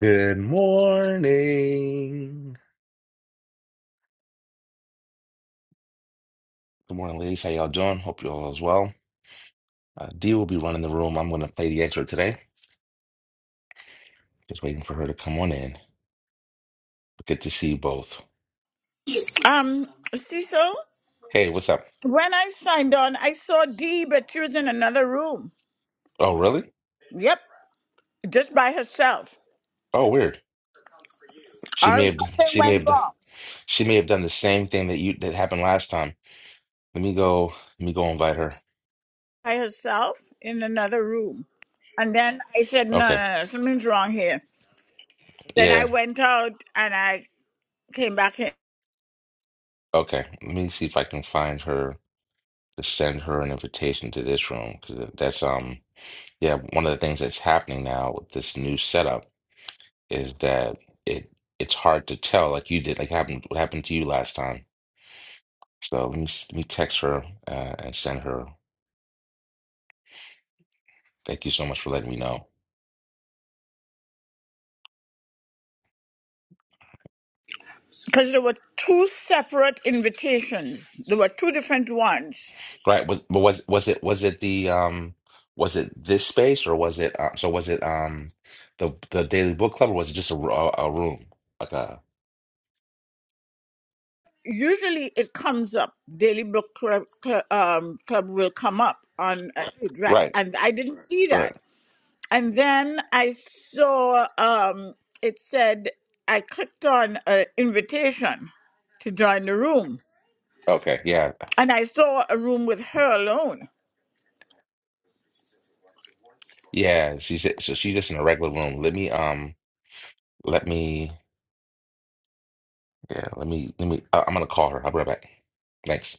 Good morning. Good morning, ladies. How y'all doing? Hope you all is well. Uh, Dee will be running the room. I'm going to play the extra today. Just waiting for her to come on in. Good to see you both. Um, Cecil, Hey, what's up? when I signed on, I saw Dee, but she was in another room. Oh, really? Yep, just by herself. Oh, weird. She Or may have. something She may went have. wrong She may have done the same thing that you that happened last time. Let me go. Let me go invite her. by herself in another room. And then I said, no, Okay. no, no, something's wrong here. Then I Yeah. went out and I came back in Okay. Let me see if I can find her to send her an invitation to this room because that's um yeah one of the things that's happening now with this new setup is that it it's hard to tell, like you did, like happened what happened to you last time. So let me s- let me text her uh, and send her. Thank you so much for letting me know. because there were two separate invitations. There were two different ones. Right? Was but was was it was it the um was it this space or was it uh, so was it um the the daily book club or was it just a, ru- a, a room like a Usually it comes up. Daily Book Club, cl- um, Club will come up on, uh, right. right And I didn't see right that. And then I saw um, it said I clicked on an invitation to join the room, okay yeah and I saw a room with her alone. yeah she said so she just in a regular room. Let me um let me yeah let me let me uh, I'm gonna call her. I'll be right back. Thanks.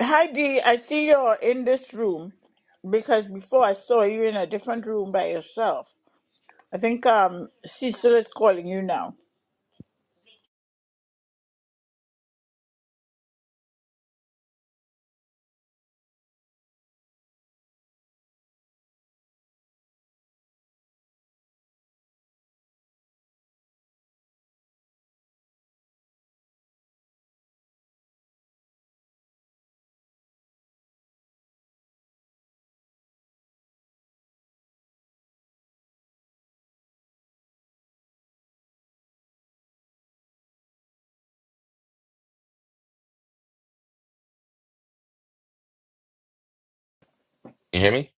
Heidi, I see you're in this room because before I saw you in a different room by yourself. I think um, Cecil is calling you now. You hear me?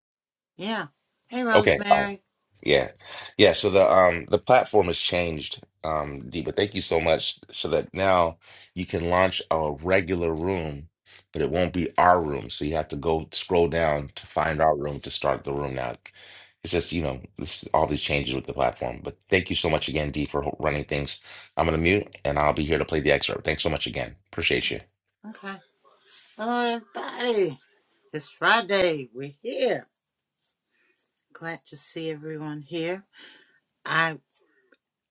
Yeah. Hey, Okay. All right. Rosemary. Yeah. Yeah, so the um the platform has changed, um, D, but thank you so much so that now you can launch a regular room, but it won't be our room. So you have to go scroll down to find our room to start the room now. It's just, you know, this all these changes with the platform. But thank you so much again, D, for ho- running things. I'm gonna mute and I'll be here to play the excerpt. Thanks so much again. Appreciate you. Okay. Hello, everybody. It's Friday. We're here. Glad to see everyone here. I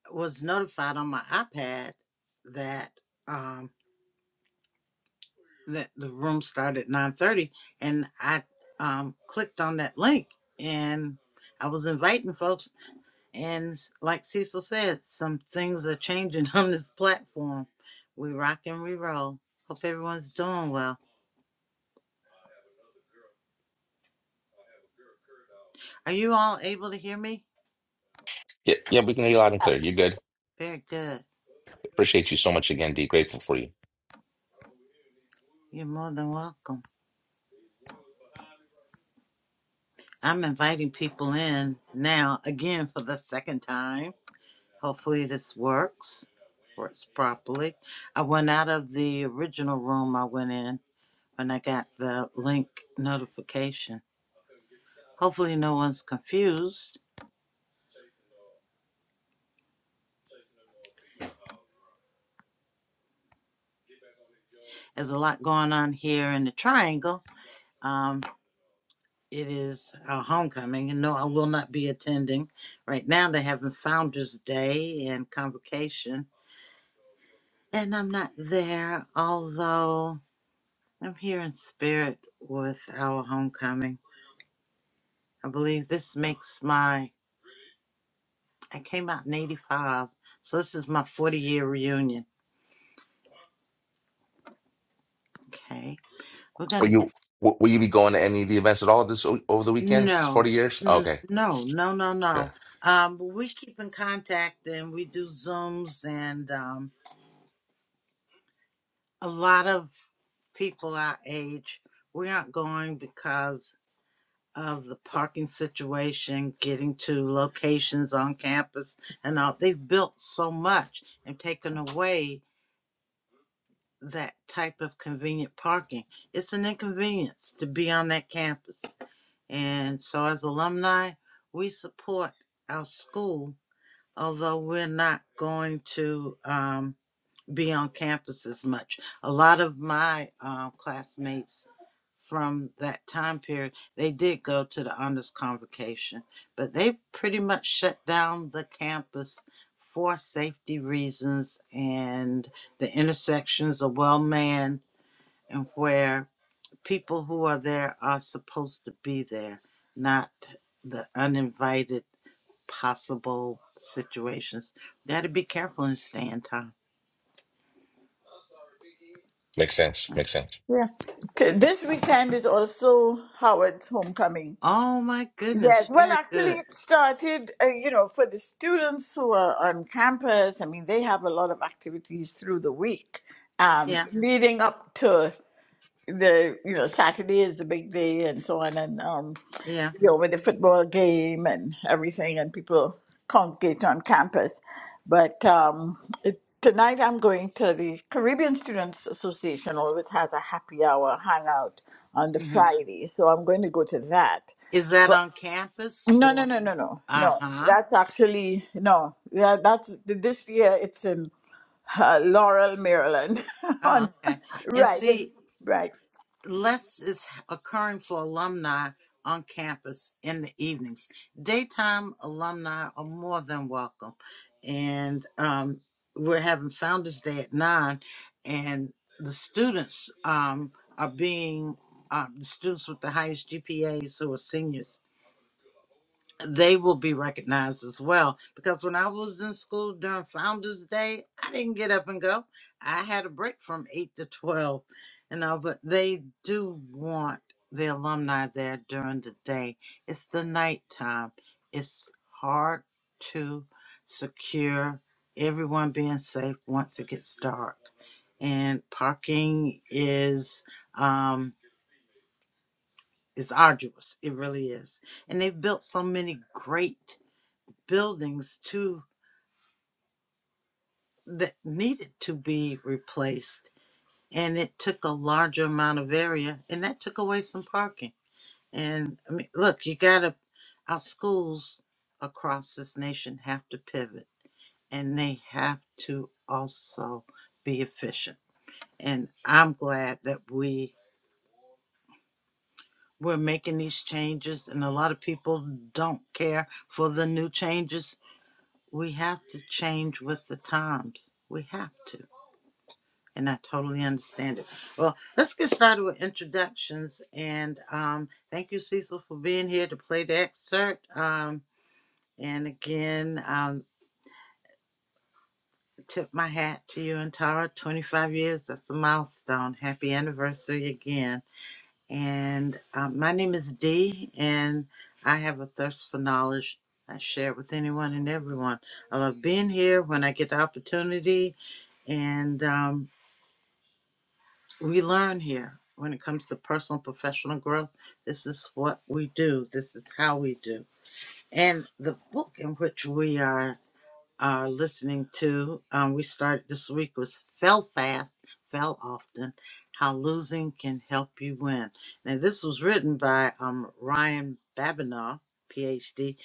was notified on my iPad that um that the room started at 9:30 and I um clicked on that link and I was inviting folks and s- like Cecil said some things are changing on this platform. We rock and we roll. Hope everyone's doing well. Are you all able to hear me? Yeah, yeah, we can hear you loud and clear. You're good. Very good. Appreciate you so much again, D. Grateful for you. You're more than welcome. I'm inviting people in now again for the second time. Hopefully, this works, works properly. I went out of the original room I went in when I got the link notification. Hopefully, no one's confused. There's a lot going on here in the triangle. Um, it is our homecoming, and no, I will not be attending. Right now, they're having Founders Day and Convocation And I'm not there, although I'm here in spirit with our homecoming. I believe this makes my, I came out in 85, so this is my 40 year reunion. Okay. We're going Will to get, you w- will you be going to any of the events at all this o- over the weekend? no, Forty years? n- okay, no, no, no, yeah, no. Um, but we keep in contact and we do Zooms and um, a lot of people our age, we aren't going because of the parking situation, getting to locations on campus and all. They've built so much and taken away that type of convenient parking. It's an inconvenience to be on that campus. And so as alumni, we support our school, although we're not going to, um, be on campus as much. A lot of my uh, classmates from that time period, they did go to the honors convocation, but they pretty much shut down the campus for safety reasons and the intersections are well manned and where people who are there are supposed to be there, not the uninvited possible situations. Got to be careful and stay in time. makes sense. Makes sense. Yeah. Okay, This weekend is also Howard's homecoming. Oh my goodness, Yes, well, very actually, good. it started, uh, you know, for the students who are on campus. I mean, they have a lot of activities through the week, um, Yeah, leading up to the, you know, Saturday is the big day and so on, and, um, yeah. you know, with the football game and everything, and people congregate on campus. But um, it, tonight I'm going to the Caribbean Students Association, always has a happy hour hangout on the hmm Friday. So I'm going to go to that Is that on campus no, no, or? no, no, no, Uh no. huh. That's actually no. Yeah, that's this year. It's in uh, Laurel, Maryland. Oh, On okay. And right, it's see, right. less is occurring for alumni on campus in the evenings. Daytime alumni are more than welcome, and um, we're having Founders Day at nine, and the students um, are being. Uh, the students with the highest GPAs who are seniors they will be recognized as well. Because when I was in school during Founders Day, I didn't get up and go. I had a break from eight to twelve, you know. But they do want the alumni there during the day. It's the nighttime. It's hard to secure everyone being safe once it gets dark, and parking is um is arduous. It really is, and they've built so many great buildings to that needed to be replaced and it took a larger amount of area and that took away some parking and i mean look you gotta our schools across this nation have to pivot and they have to also be efficient and i'm glad that we we're making these changes and a lot of people don't care for the new changes we have to change with the times we have to and I totally understand it. Well, let's get started with introductions. And um, thank you, Cecil, for being here to play the excerpt. Um, and again, um, tip my hat to you and Tara. 25 years, that's a milestone. Happy anniversary again. And um, my name is Dee, and I have a thirst for knowledge. I share it with anyone and everyone. I love being here when I get the opportunity. And um, we learn here when it comes to personal and professional growth. This is what we do. This is how we do. And the book in which we are are listening to. Um, we started this week with Fell Fast, Fell Often, How Losing Can Help You Win. Now, this was written by um, Ryan Babinow, PhD,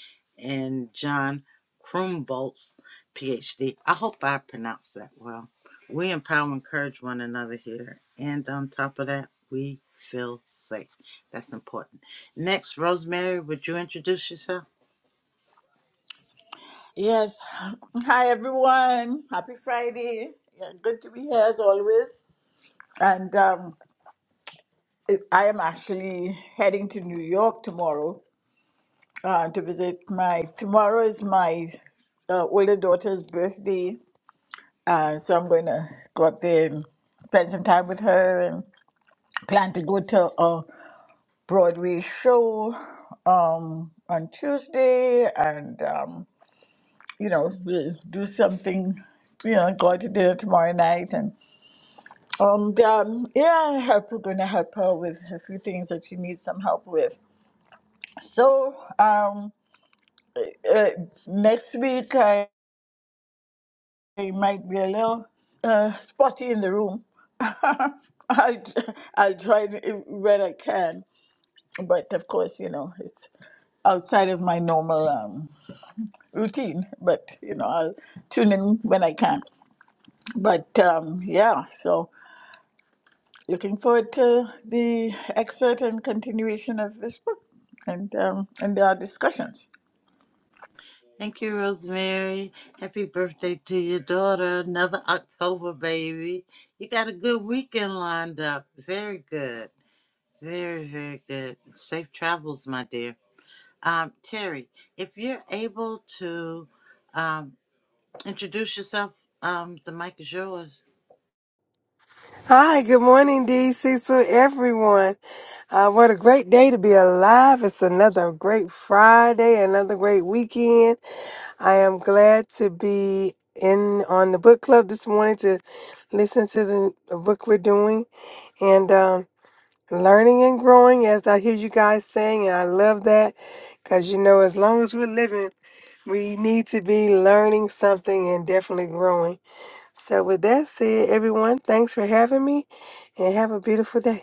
and John Krumboltz, PhD. I hope I pronounced that well. We empower and encourage one another here. And on top of that, we feel safe. That's important. Next, Rosemary, would you introduce yourself? Yes. Hi, everyone. Happy Friday. Yeah, good to be here as always. And um, it- I am actually heading to New York tomorrow uh, to visit my. Tomorrow is my uh, older daughter's birthday, uh, so I'm going to go up there and spend some time with her plan to go to a Broadway show um, on Tuesday and, um, you know, we'll do something, you know, go out to dinner tomorrow night. And, and um, yeah, help, we're going to help her with a few things that she needs some help with. So um, uh, next week, I, I might be a little uh, spotty in the room. I'll, I'll try to, where I can. But of course, you know, it's outside of my normal. um, routine, but you know, I'll tune in when I can. But um, yeah, so looking forward to the excerpt and continuation of this book and um, and our discussions. Thank you, Rosemary. Happy birthday to your daughter. Another October baby. You got a good weekend lined up. Very good. Very, very good. Safe travels, my dear. Um, Terry, if you're able to um, introduce yourself, um, the mic is yours. Hi, good morning, DC, to everyone. Uh, what a great day to be alive. It's another great Friday, another great weekend. I am glad to be in on the book club this morning to listen to the the book we're doing and um, learning and growing as I hear you guys saying. And I love that because, you know, as long as we're living, we need to be learning something and definitely growing. So, with that said, everyone, thanks for having me and have a beautiful day.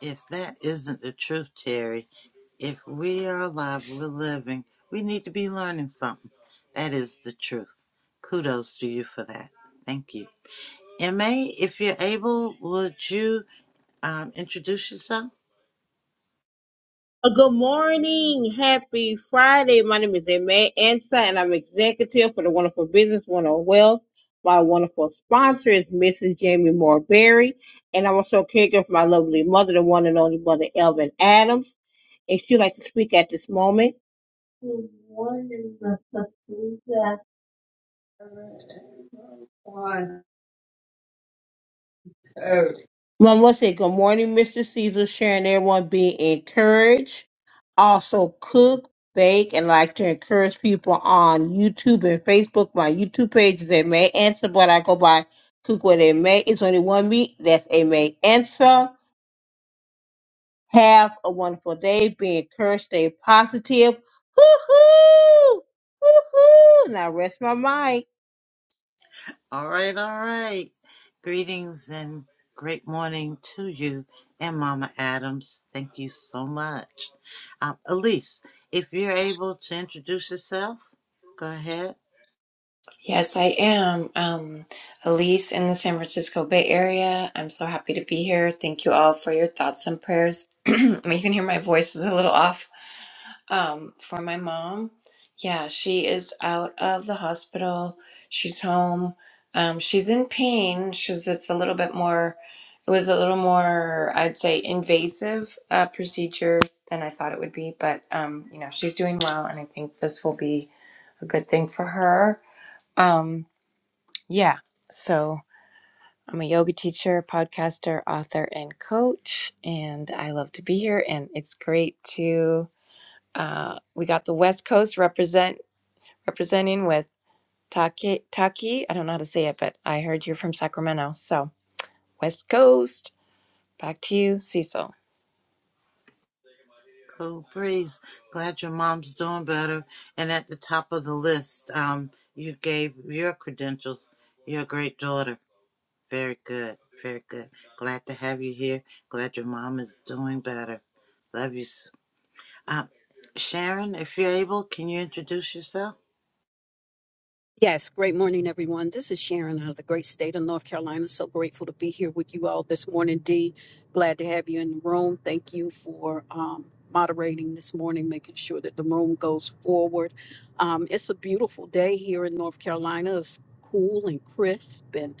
If that isn't the truth, Terry, if we are alive, we're living. We need to be learning something. That is the truth. Kudos to you for that. Thank you. MA, if you're able, would you um, introduce yourself? Uh, Good morning. Happy Friday. My name is Emma Ansa, and I'm executive for the Wonderful Business, Wonderful Wealth. My wonderful sponsor is Mrs. Jamie Moore Berry, and I'm also a caregiver for my lovely mother, the one and only mother, Elvin Adams. And she'd like to speak at this moment. One will say, Good morning, Mr. Caesar, sharing everyone be encouraged. Also, cook, bake, and like to encourage people on YouTube and Facebook. My YouTube page is A May Answer, but I go by Cook What A May. It's only one meat. That's A May Answer. Have a wonderful day. Be encouraged. Stay positive. Hoo hoo! Hoo hoo! Now rest my mic. All right, all right. Greetings and great morning to you and Mama Adams. Thank you so much. Um, Elise, if you're able to introduce yourself, go ahead. Yes, I am. Um, Elise in the San Francisco Bay Area. I'm so happy to be here. Thank you all for your thoughts and prayers. you can hear my voice is a little off. Um, for my mom, yeah, she is out of the hospital. She's home. Um, she's in pain. She's it's a little bit more. It was a little more, I'd say, invasive uh, procedure than I thought it would be. But um, you know, she's doing well, and I think this will be a good thing for her. Um, yeah. So I'm a yoga teacher, podcaster, author, and coach, and I love to be here. And it's great to uh, we got the West Coast represent representing with Taki Taki. I don't know how to say it, but I heard you're from Sacramento, so West Coast. Back to you, Cecil. Cool breeze. Glad your mom's doing better. And at the top of the list, um, you gave your credentials, your great daughter. Very good. Very good. Glad to have you here. Glad your mom is doing better. Love you. s- Um, Sharon, if you're able, can you introduce yourself? Yes, great morning, everyone. This is Sharon out of the great state of North Carolina. So grateful to be here with you all this morning, Dee. Glad to have you in the room. Thank you for um, moderating this morning, making sure that the room goes forward. Um, it's a beautiful day here in North Carolina. It's cool and crisp, and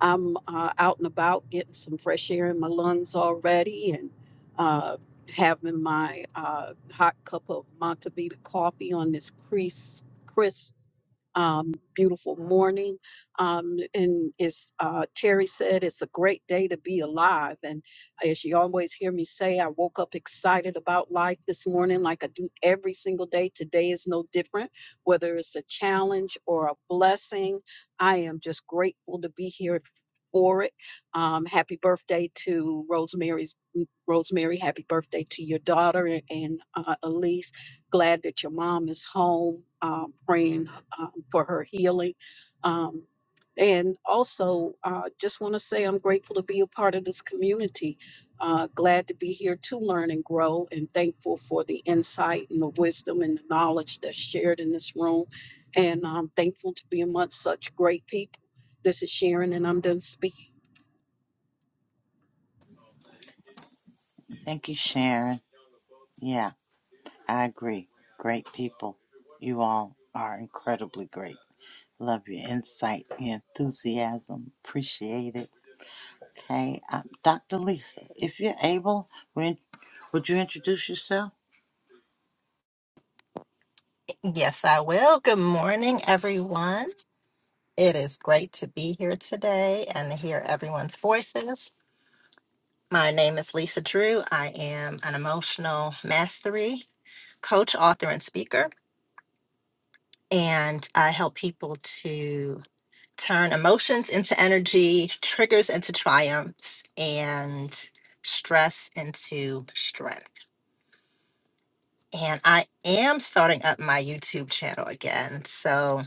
I'm uh, out and about getting some fresh air in my lungs already and uh, having my uh, hot cup of Montevita coffee on this crisp, crisp um, beautiful morning. Um, and as uh, Terry said, it's a great day to be alive. And as you always hear me say, I woke up excited about life this morning, like I do every single day. Today is no different, whether it's a challenge or a blessing. I am just grateful to be here. For it, um, happy birthday to Rosemary's Rosemary. Happy birthday to your daughter and uh, Elise. Glad that your mom is home. Um, praying um, for her healing. Um, and also, uh, just want to say I'm grateful to be a part of this community. Uh, glad to be here to learn and grow, and thankful for the insight and the wisdom and the knowledge that's shared in this room. And I'm thankful to be amongst such great people. This is Sharon, and I'm done speaking. Thank you, Sharon. Yeah, I agree. Great people. You all are incredibly great. Love your insight, your enthusiasm. Appreciate it. Okay, uh, Dr. Lisa, if you're able, would would you introduce yourself? Yes, I will. Good morning, everyone. It is great to be here today and to hear everyone's voices. My name is Lisa Drew. I am an emotional mastery coach, author, and speaker, and I help people to turn emotions into energy, triggers into triumphs, and stress into strength. And I am starting up my YouTube channel again. So,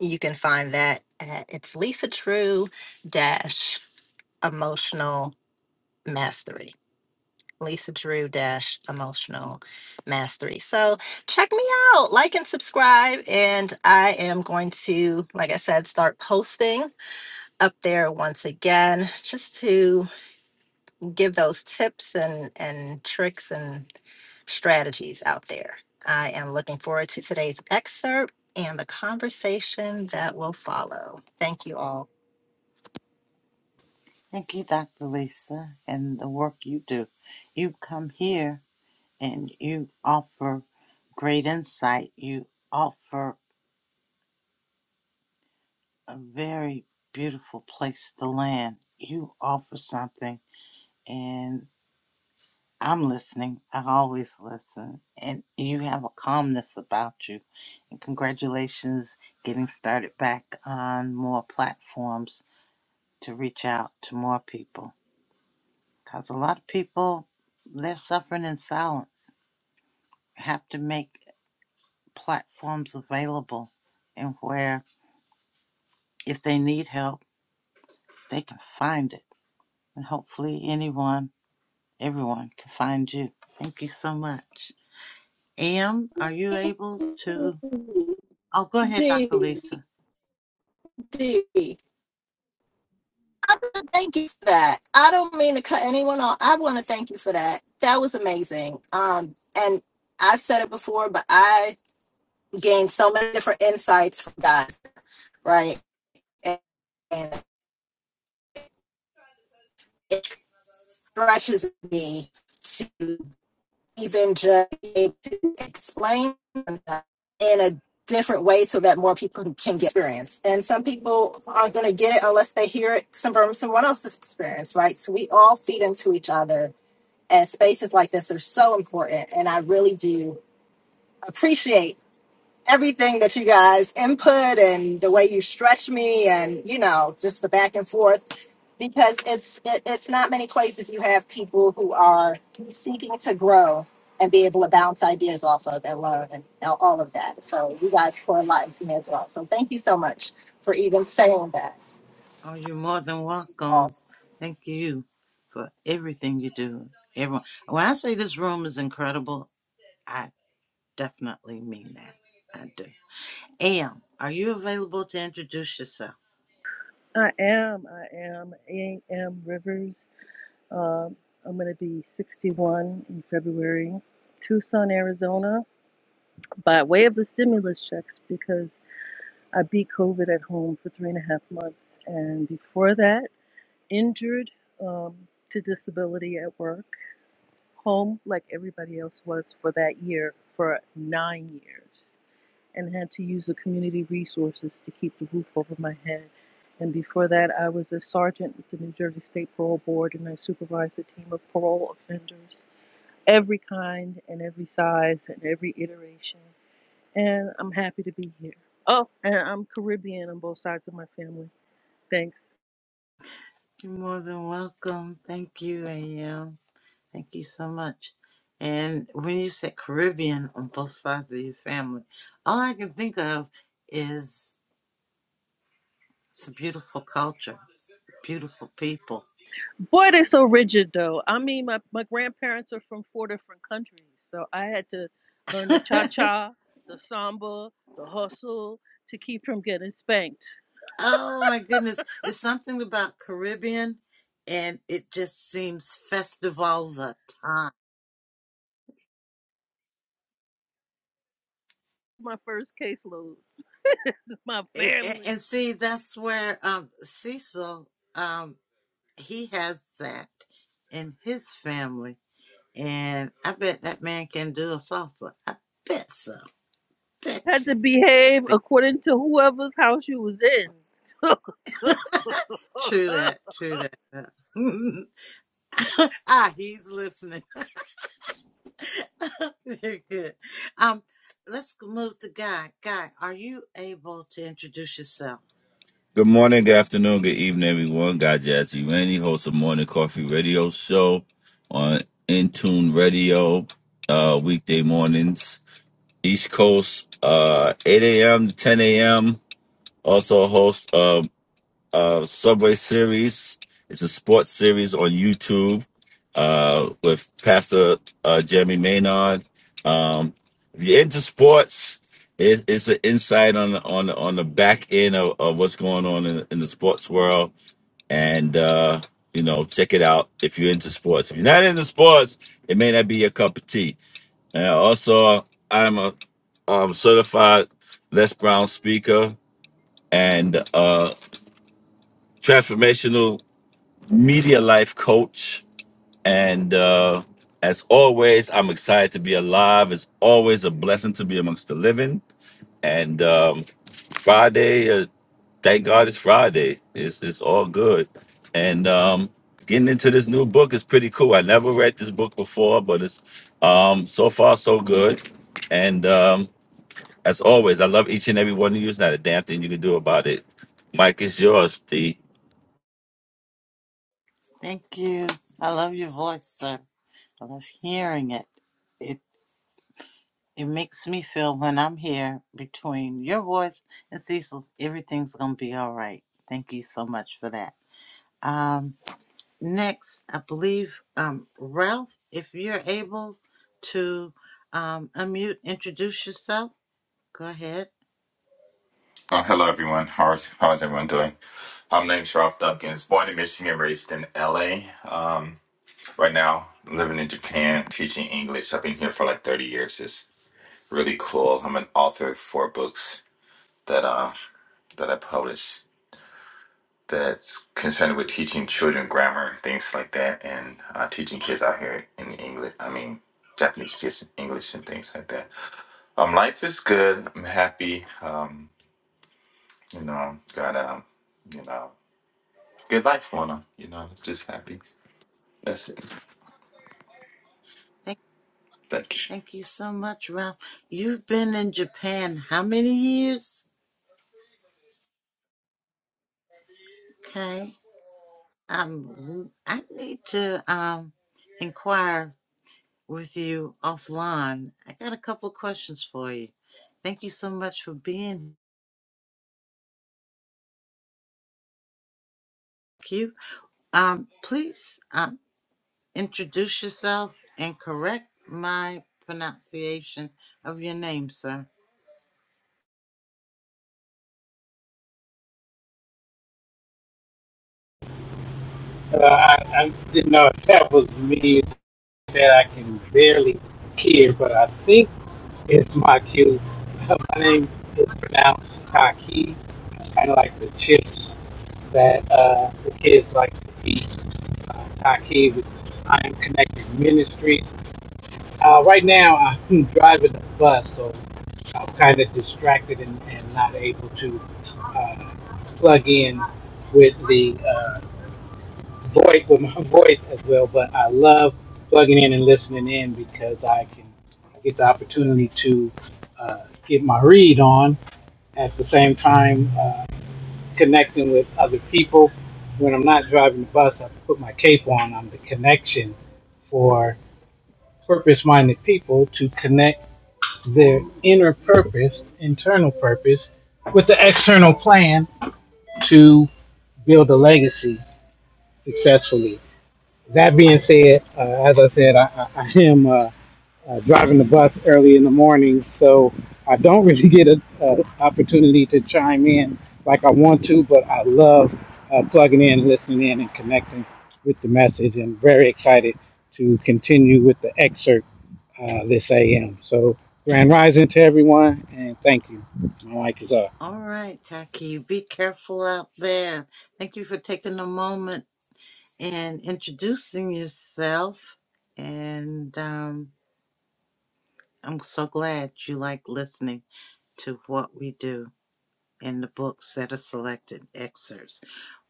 you can find that at it's Lisa Drew dash emotional mastery. Lisa Drew dash emotional mastery. So check me out, like and subscribe. And I am going to, like I said, start posting up there once again just to give those tips and, and tricks and strategies out there. I am looking forward to today's excerpt and the conversation that will follow. Thank you all. Thank you, Dr. Lisa, and the work you do. You come here and you offer great insight. You offer a very beautiful place to land. You offer something, and I'm listening. I always listen, and you have a calmness about you. And congratulations getting started back on more platforms to reach out to more people because a lot of people they're suffering in silence. Have to make platforms available and where If they need help, they can find it. And hopefully, anyone, everyone can find you. Thank you so much. Am, are you able D, to? Oh, go ahead, Dr. Lisa. D. I want to thank you for that. I don't mean to cut anyone off. I want to thank you for that. That was amazing. Um, and I've said it before, but I gained so many different insights from God, right? And, and it stretches me to. even just to explain in a different way so that more people can get experience. And some people aren't going to get it unless they hear it from someone else's experience, right? So we all feed into each other, and spaces like this are so important. And I really do appreciate everything that you guys input and the way you stretch me and you know just the back and forth because it's it, it's not many places you have people who are seeking to grow and be able to bounce ideas off of and learn and all all of that so you guys pour a lot into me as well so thank you so much for even saying that Oh, you're more than welcome. Thank you for everything you do. Everyone. When I say this room is incredible, I definitely mean that. I do. Am, are you available to introduce yourself? I am. I am. I am Rivers. Um, I'm going to be 61 in February. Tucson, Arizona, by way of the stimulus checks because I beat COVID at home for three and a half months. And before that, injured um, to disability at work, home like everybody else was for that year, for nine years and had to use the community resources to keep the roof over my head. And before that, I was a sergeant with the New Jersey State Parole Board, and I supervised a team of parole offenders, every kind and every size and every iteration. And I'm happy to be here. Oh, and I'm Caribbean on both sides of my family. Thanks. You're more than welcome. Thank you, Am. Thank you so much. And when you said Caribbean on both sides of your family, all I can think of is it's a beautiful culture, beautiful people. Boy, they're so rigid, though. I mean, my, my grandparents are from four different countries, so I had to learn the cha oh cha, the samba, the hustle to keep from getting spanked. my goodness. It's something about Caribbean and it just seems festive all the time. my first caseload. My It, and, family and see, that's where um, Cecil, um, he has that in his family. And I bet that man can do a salsa. I bet so. That had to behave according to whoever's house you was in. true that. True that. ah, he's listening. Very good. Um, let's move to Guy. Guy, are you able to introduce yourself? Good morning, good afternoon, good evening, everyone. God Jazzy Randy, host of Morning Coffee Radio Show on Intune Radio, uh, weekday mornings, East Coast, uh, 8 a.m. to 10 a.m. Also host uh, Subway series. It's a sports series on YouTube uh, with Pastor uh, Jeremy Maynard. Um, if you're into sports, it, it's an insight on the- on the- on the back end of, of what's going on in, in the sports world, and uh, you know, check it out if you're into sports. If you're not into sports, it may not be your cup of tea. And also, I'm a um, certified Les Brown speaker and uh, transformational media life coach. And uh, as always, I'm excited to be alive. It's always a blessing to be amongst the living. And um, Friday, uh, thank God it's Friday. It's, it's all good. And um, getting into this new book is pretty cool. I never read this book before, but it's um, so far so good. And um, as always, I love each and every one of you. It's not a damn thing you can do about it. Mike, it's yours. Steve. Thank you. I love your voice, sir. I love hearing it. It it makes me feel when I'm here between your voice and Cecil's, everything's gonna be all right. Thank you so much for that. Um. Next, I believe um, Ralph, if you're able to um, unmute, introduce yourself. Go ahead. Oh, hello, everyone. How is, how is everyone doing? I'm named Sharaf Duncan. Born in Michigan, raised in LA. Um, right now, living in Japan, teaching English. I've been here for like 30 years. It's really cool. I'm an author of four books that uh that I published that's concerned with teaching children grammar and things like that, and uh, teaching kids out here in England. I mean, Japanese kids in English and things like that. Um, life is good. I'm happy. Um, you know, got um, you know. good life going on. You know, I'm just happy. That's it. Thank, Thank you. thank you so much, Ralph. You've been in Japan how many years? Okay. Um, I need to um, inquire with you offline. I got a couple of questions for you. Thank you so much for being here. Thank you. Um, please. uh, Introduce yourself and correct my pronunciation of your name, sir. Uh, I, I didn't know if that was me that I can barely hear, but I think it's my cue. My name is pronounced Taki, kind of like the chips that uh, the kids like to eat. Uh, Taki with I Am Connected Ministries. Uh, right now, I'm driving a bus, so I'm kind of distracted and, and not able to uh, plug in with the uh, voice with my voice as well, but I love plugging in and listening in because I can I get the opportunity to uh, get my read on at the same time uh, connecting with other people. When I'm not driving the bus, I put my cape on. I'm the connection for purpose-minded people to connect their inner purpose, internal purpose, with the external plan to build a legacy successfully. That being said, uh, as I said, I, I, I am uh, uh, driving the bus early in the morning, so I don't really get an opportunity to chime in like I want to, but I love uh, plugging in, listening in, and connecting with the message, and very excited to continue with the excerpt uh, this AM. So, Grand Rising to everyone, and thank you. My mic is off. All right, Taki, be careful out there. Thank you for taking a moment and introducing yourself. And um, I'm so glad you like listening to what we do in the books that are selected excerpts.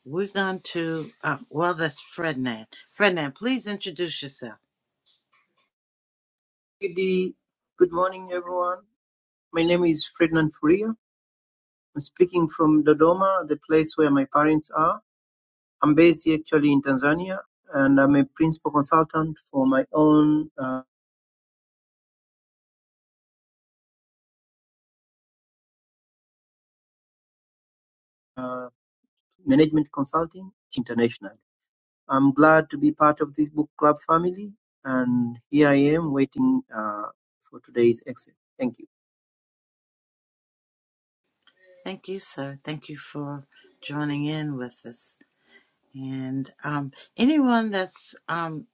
We're going to, uh, well, that's Frednan. Frednan, please introduce yourself. Good morning, everyone. My name is Ferdinand Furia. I'm speaking from Dodoma, the place where my parents are. I'm based actually in Tanzania, and I'm a principal consultant for my own uh, uh, management consulting internationally. I'm glad to be part of this book club family, and here I am waiting uh, for today's exit. Thank you. Thank you, sir. Thank you for joining in with us. And um, anyone that's um,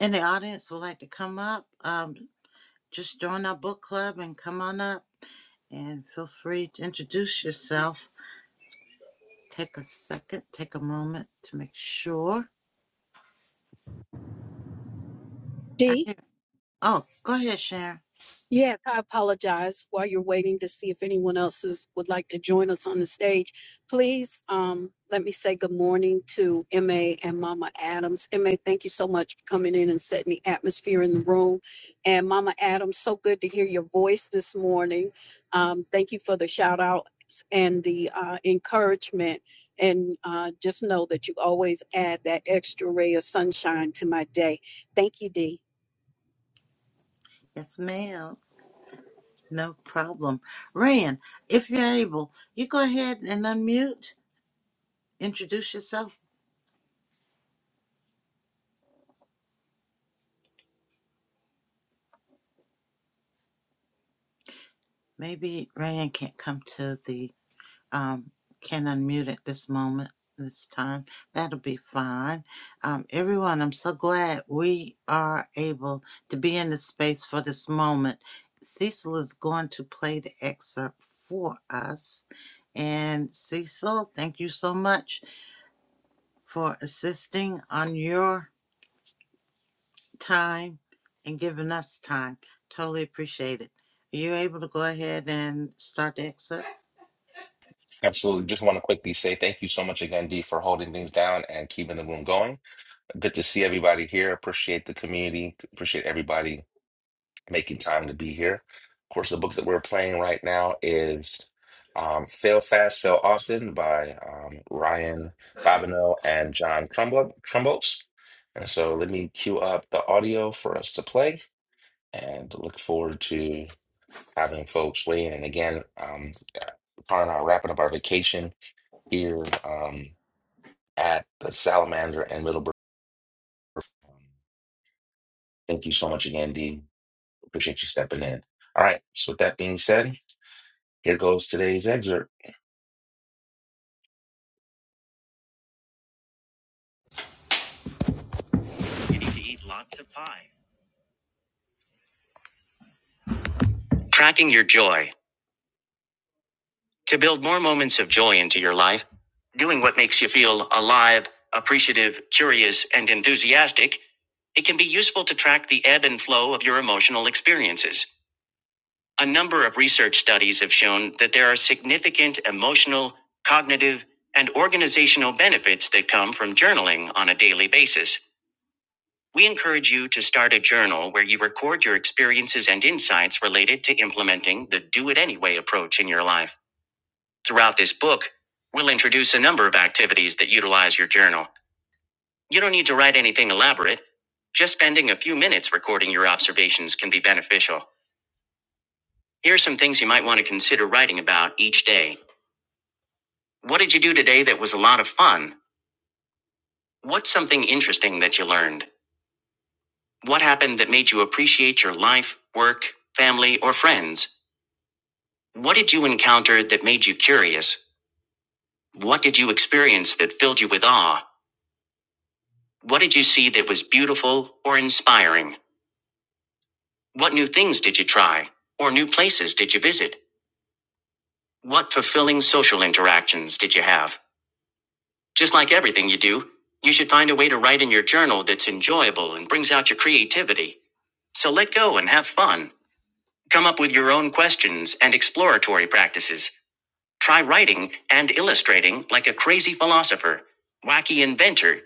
in the audience would like to come up, um, just join our book club and come on up and feel free to introduce yourself. Take a second, take a moment to make sure. I Dee? hear. Oh, go ahead, Sharon. Yes, I apologize. While you're waiting to see if anyone else is, would like to join us on the stage, please um, let me say good morning to MA and Mama Adams. MA, thank you so much for coming in and setting the atmosphere in the room. And Mama Adams, so good to hear your voice this morning. Um, thank you for the shout outs and the uh, encouragement. And uh, just know that you always add that extra ray of sunshine to my day. Thank you, Dee. Yes, ma'am. No problem. Rand, if you're able, you go ahead and unmute, introduce yourself. Maybe Rand can't come to the um, can unmute at this moment, this time. That'll be fine. Um, everyone, I'm so glad we are able to be in the space for this moment. Cecil is going to play the excerpt for us. And Cecil, thank you so much for assisting on your time and giving us time. Totally appreciate it. Are you able to go ahead and start the excerpt? Absolutely. Just want to quickly say thank you so much again, D, for holding things down and keeping the room going. Good to see everybody here. Appreciate the community. Appreciate everybody making time to be here. Of course, the book that we're playing right now is um, Fail Fast, Fail Often by um, Ryan Babineau and John Trumbo- Trumbos. And so let me cue up the audio for us to play and look forward to having folks weigh in. And again, um, Karen and I are wrapping up our vacation here um, at the Salamander and Middleburg. Thank you so much again, Dee. Appreciate you stepping in. All right. So with that being said, Here goes today's excerpt. You need to eat lots of pie. Tracking your joy to build more moments of joy into your life. Doing what makes you feel alive, appreciative, curious, and enthusiastic. It can be useful to track the ebb and flow of your emotional experiences. A number of research studies have shown that there are significant emotional, cognitive, and organizational benefits that come from journaling on a daily basis. We encourage you to start a journal where you record your experiences and insights related to implementing the do it anyway approach in your life. Throughout this book, we'll introduce a number of activities that utilize your journal. You don't need to write anything elaborate. Just spending a few minutes recording your observations can be beneficial. Here are some things you might want to consider writing about each day. What did you do today that was a lot of fun? What's something interesting that you learned? What happened that made you appreciate your life, work, family, or friends? What did you encounter that made you curious? What did you experience that filled you with awe? What did you see that was beautiful or inspiring? What new things did you try? Or new places did you visit? What fulfilling social interactions did you have? Just like everything you do, you should find a way to write in your journal that's enjoyable and brings out your creativity. So let go and have fun. Come up with your own questions and exploratory practices. Try writing and illustrating like a crazy philosopher, wacky inventor,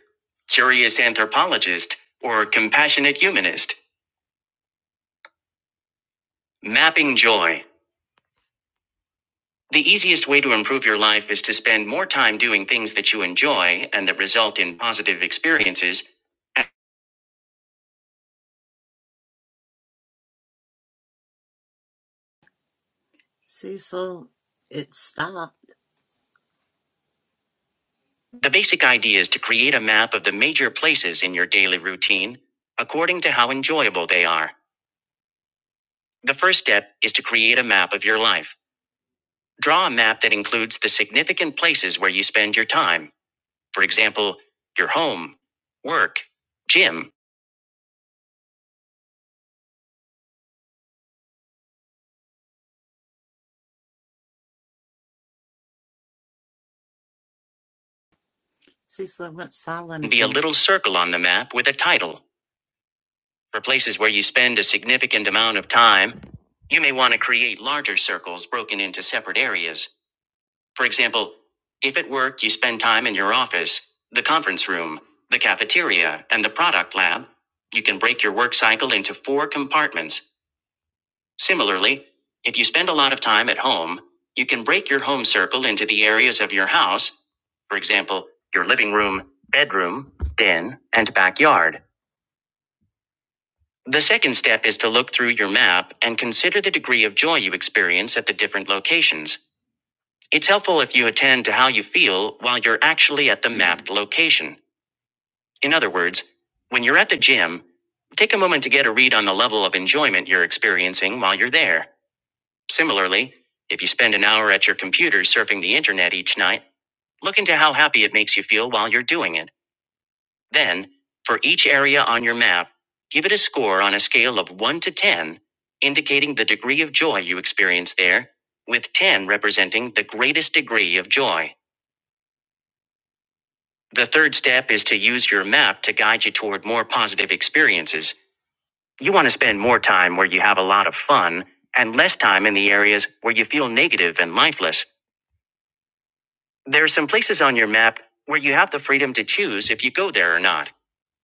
curious anthropologist, or compassionate humanist. Mapping joy. The easiest way to improve your life is to spend more time doing things that you enjoy and that result in positive experiences. Cecil, it stopped. The basic idea is to create a map of the major places in your daily routine according to how enjoyable they are. The first step is to create a map of your life. Draw a map that includes the significant places where you spend your time For example, your home, work, gym Cecil went silent can be a again. little circle on the map with a title. For places where you spend a significant amount of time, you may want to create larger circles broken into separate areas. For example, if at work you spend time in your office, the conference room, the cafeteria, and the product lab, you can break your work cycle into four compartments Similarly, if you spend a lot of time at home, you can break your home circle into the areas of your house, for example, your living room, bedroom, den, and backyard. The second step is to look through your map and consider the degree of joy you experience at the different locations. It's helpful if you attend to how you feel while you're actually at the mapped location. In other words, when you're at the gym, take a moment to get a read on the level of enjoyment you're experiencing while you're there. Similarly, if you spend an hour at your computer surfing the internet each night, look into how happy it makes you feel while you're doing it. Then, for each area on your map, give it a score on a scale of 1 to 10, indicating the degree of joy you experience there, with 10 representing the greatest degree of joy. The third step is to use your map to guide you toward more positive experiences. You want to spend more time where you have a lot of fun and less time in the areas where you feel negative and lifeless. There are some places on your map where you have the freedom to choose if you go there or not.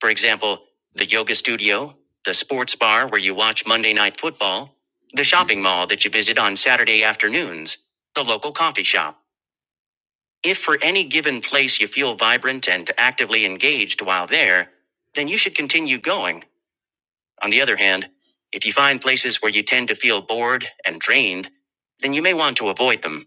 For example, the yoga studio, the sports bar where you watch Monday night football, the shopping mall that you visit on Saturday afternoons, the local coffee shop. If for any given place you feel vibrant and actively engaged while there, then you should continue going. On the other hand, if you find places where you tend to feel bored and drained, then you may want to avoid them.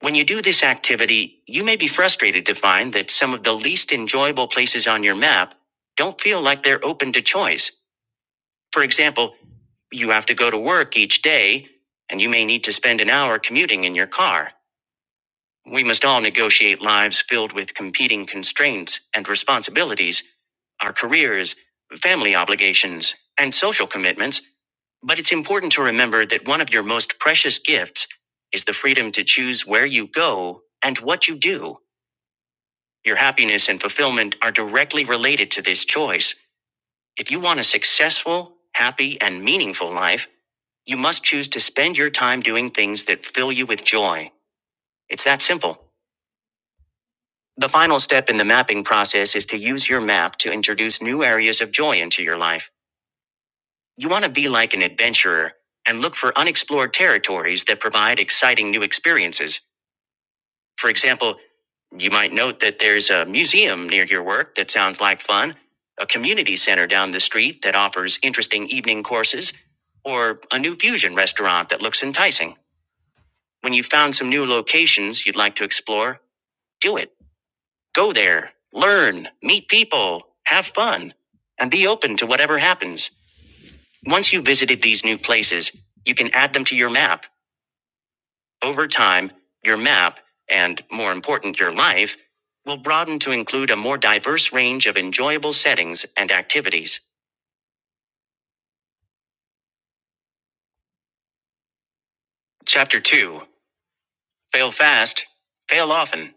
When you do this activity, you may be frustrated to find that some of the least enjoyable places on your map don't feel like they're open to choice. For example, you have to go to work each day, and you may need to spend an hour commuting in your car. We must all negotiate lives filled with competing constraints and responsibilities, our careers, family obligations, and social commitments. But it's important to remember that one of your most precious gifts is the freedom to choose where you go and what you do. Your happiness and fulfillment are directly related to this choice. If you want a successful, happy, and meaningful life, you must choose to spend your time doing things that fill you with joy. It's that simple. The final step in the mapping process is to use your map to introduce new areas of joy into your life. You want to be like an adventurer and look for unexplored territories that provide exciting new experiences. For example, you might note that there's a museum near your work that sounds like fun, a community center down the street that offers interesting evening courses, or a new fusion restaurant that looks enticing. When you've found some new locations you'd like to explore, do it. Go there, learn, meet people, have fun, and be open to whatever happens. Once you've visited these new places, you can add them to your map. Over time, your map, and more important, your life, will broaden to include a more diverse range of enjoyable settings and activities. Chapter 2 Fail Fast, Fail Often.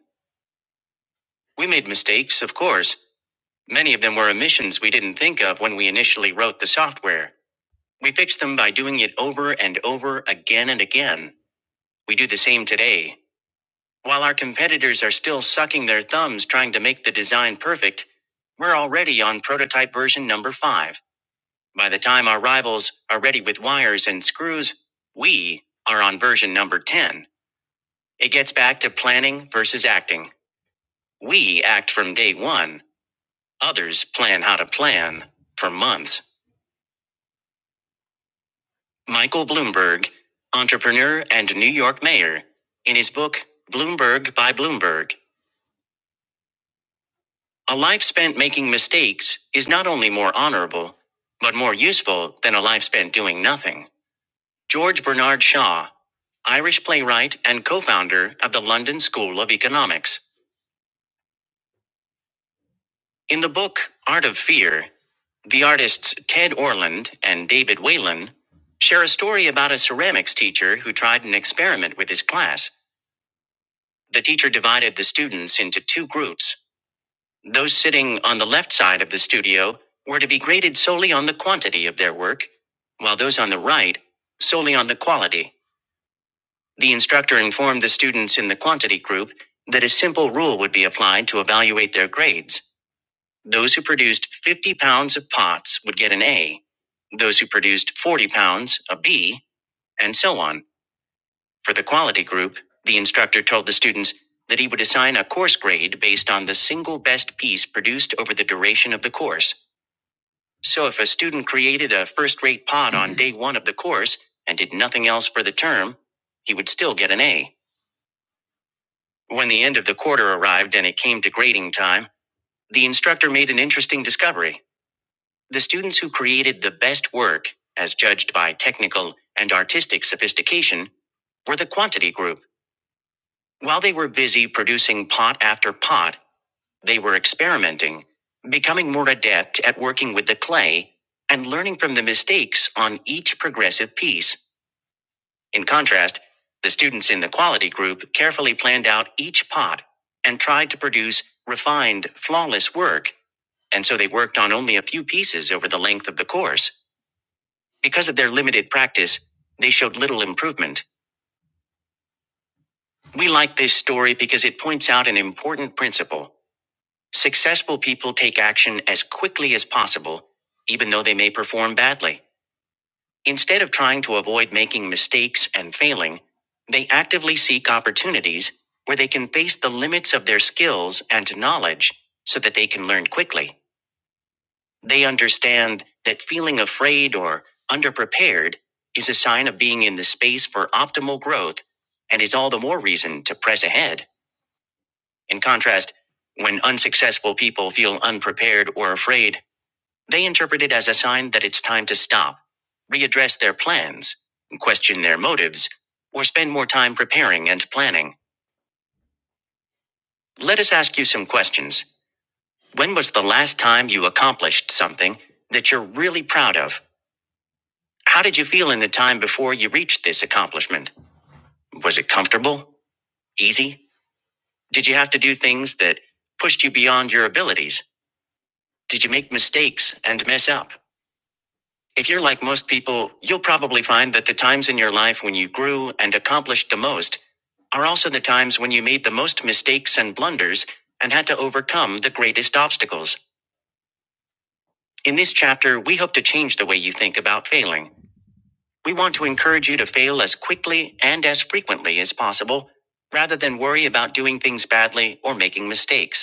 We made mistakes, of course. Many of them were omissions we didn't think of when we initially wrote the software. We fix them by doing it over and over again and again. We do the same today. While our competitors are still sucking their thumbs trying to make the design perfect, we're already on prototype version number 5. By the time our rivals are ready with wires and screws, we are on version number 10. It gets back to planning versus acting. We act from day one. Others plan how to plan for months. Michael Bloomberg, entrepreneur and New York mayor, in his book, Bloomberg by Bloomberg, a life spent making mistakes is not only more honorable, but more useful than a life spent doing nothing. George Bernard Shaw, Irish playwright and co founder of the London School of Economics. In the book, Art of Fear, the artists Ted Orland and David Whalen share a story about a ceramics teacher who tried an experiment with his class The teacher divided the students into two groups. Those sitting on the left side of the studio were to be graded solely on the quantity of their work, while those on the right, solely on the quality. The instructor informed the students in the quantity group that a simple rule would be applied to evaluate their grades. Those who produced 50 pounds of pots would get an A, those who produced 40 pounds, a B, and so on. For the quality group, the instructor told the students that he would assign a course grade based on the single best piece produced over the duration of the course. So if a student created a first rate pod on day one of the course and did nothing else for the term, he would still get an A. When the end of the quarter arrived and it came to grading time, the instructor made an interesting discovery. The students who created the best work, as judged by technical and artistic sophistication, were the quantity group. While they were busy producing pot after pot, they were experimenting, becoming more adept at working with the clay, and learning from the mistakes on each progressive piece. In contrast, the students in the quality group carefully planned out each pot and tried to produce refined, flawless work, and so they worked on only a few pieces over the length of the course. Because of their limited practice, they showed little improvement. We like this story because it points out an important principle. Successful people take action as quickly as possible, even though they may perform badly. Instead of trying to avoid making mistakes and failing, they actively seek opportunities where they can face the limits of their skills and knowledge so that they can learn quickly. They understand that feeling afraid or underprepared is a sign of being in the space for optimal growth and is all the more reason to press ahead. In contrast, when unsuccessful people feel unprepared or afraid, They interpret it as a sign that it's time to stop, readdress their plans, question their motives, or spend more time preparing and planning. Let us ask you some questions. When was the last time you accomplished something that you're really proud of? How did you feel in the time before you reached this accomplishment? Was it comfortable? Easy? Did you have to do things that pushed you beyond your abilities? Did you make mistakes and mess up? If you're like most people, you'll probably find that the times in your life when you grew and accomplished the most are also the times when you made the most mistakes and blunders and had to overcome the greatest obstacles. In this chapter, we hope to change the way you think about failing. We want to encourage you to fail as quickly and as frequently as possible rather than worry about doing things badly or making mistakes.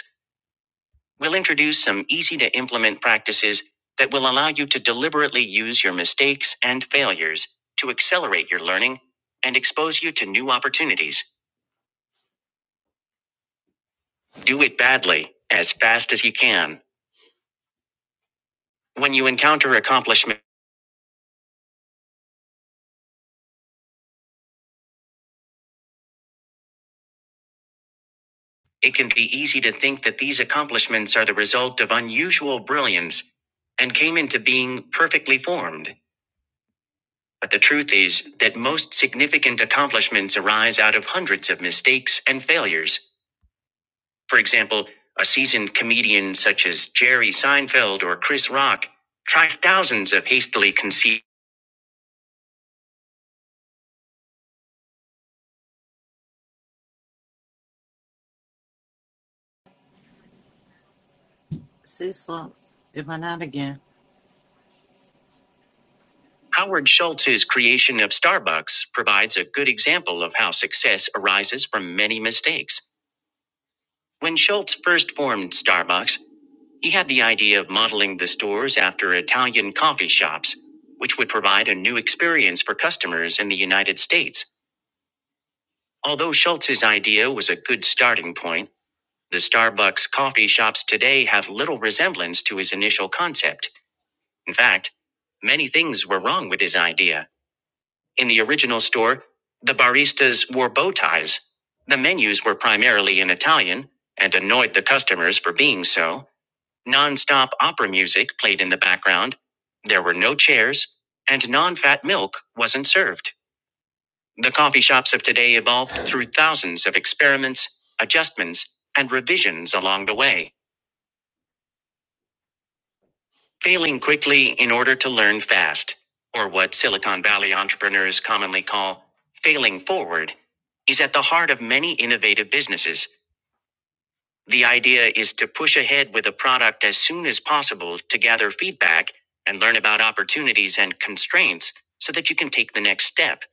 We'll introduce some easy to implement practices that will allow you to deliberately use your mistakes and failures to accelerate your learning and expose you to new opportunities. Do it badly, as fast as you can. When you encounter accomplishment, it can be easy to think that these accomplishments are the result of unusual brilliance and came into being perfectly formed. But the truth is that most significant accomplishments arise out of hundreds of mistakes and failures. For example, a seasoned comedian such as Jerry Seinfeld or Chris Rock tries thousands of hastily conceived. Cecil, it went out again. Howard Schultz's creation of Starbucks provides a good example of how success arises from many mistakes. When Schultz first formed Starbucks, he had the idea of modeling the stores after Italian coffee shops, which would provide a new experience for customers in the United States. Although Schultz's idea was a good starting point, The Starbucks coffee shops today have little resemblance to his initial concept. In fact, many things were wrong with his idea. In the original store, the baristas wore bow ties. The menus were primarily in Italian and annoyed the customers for being so. Non-stop opera music played in the background. There were no chairs and non-fat milk wasn't served. The coffee shops of today evolved through thousands of experiments, adjustments, and revisions along the way. Failing quickly in order to learn fast, or what Silicon Valley entrepreneurs commonly call failing forward, is at the heart of many innovative businesses. The idea is to push ahead with a product as soon as possible to gather feedback and learn about opportunities and constraints so that you can take the next step.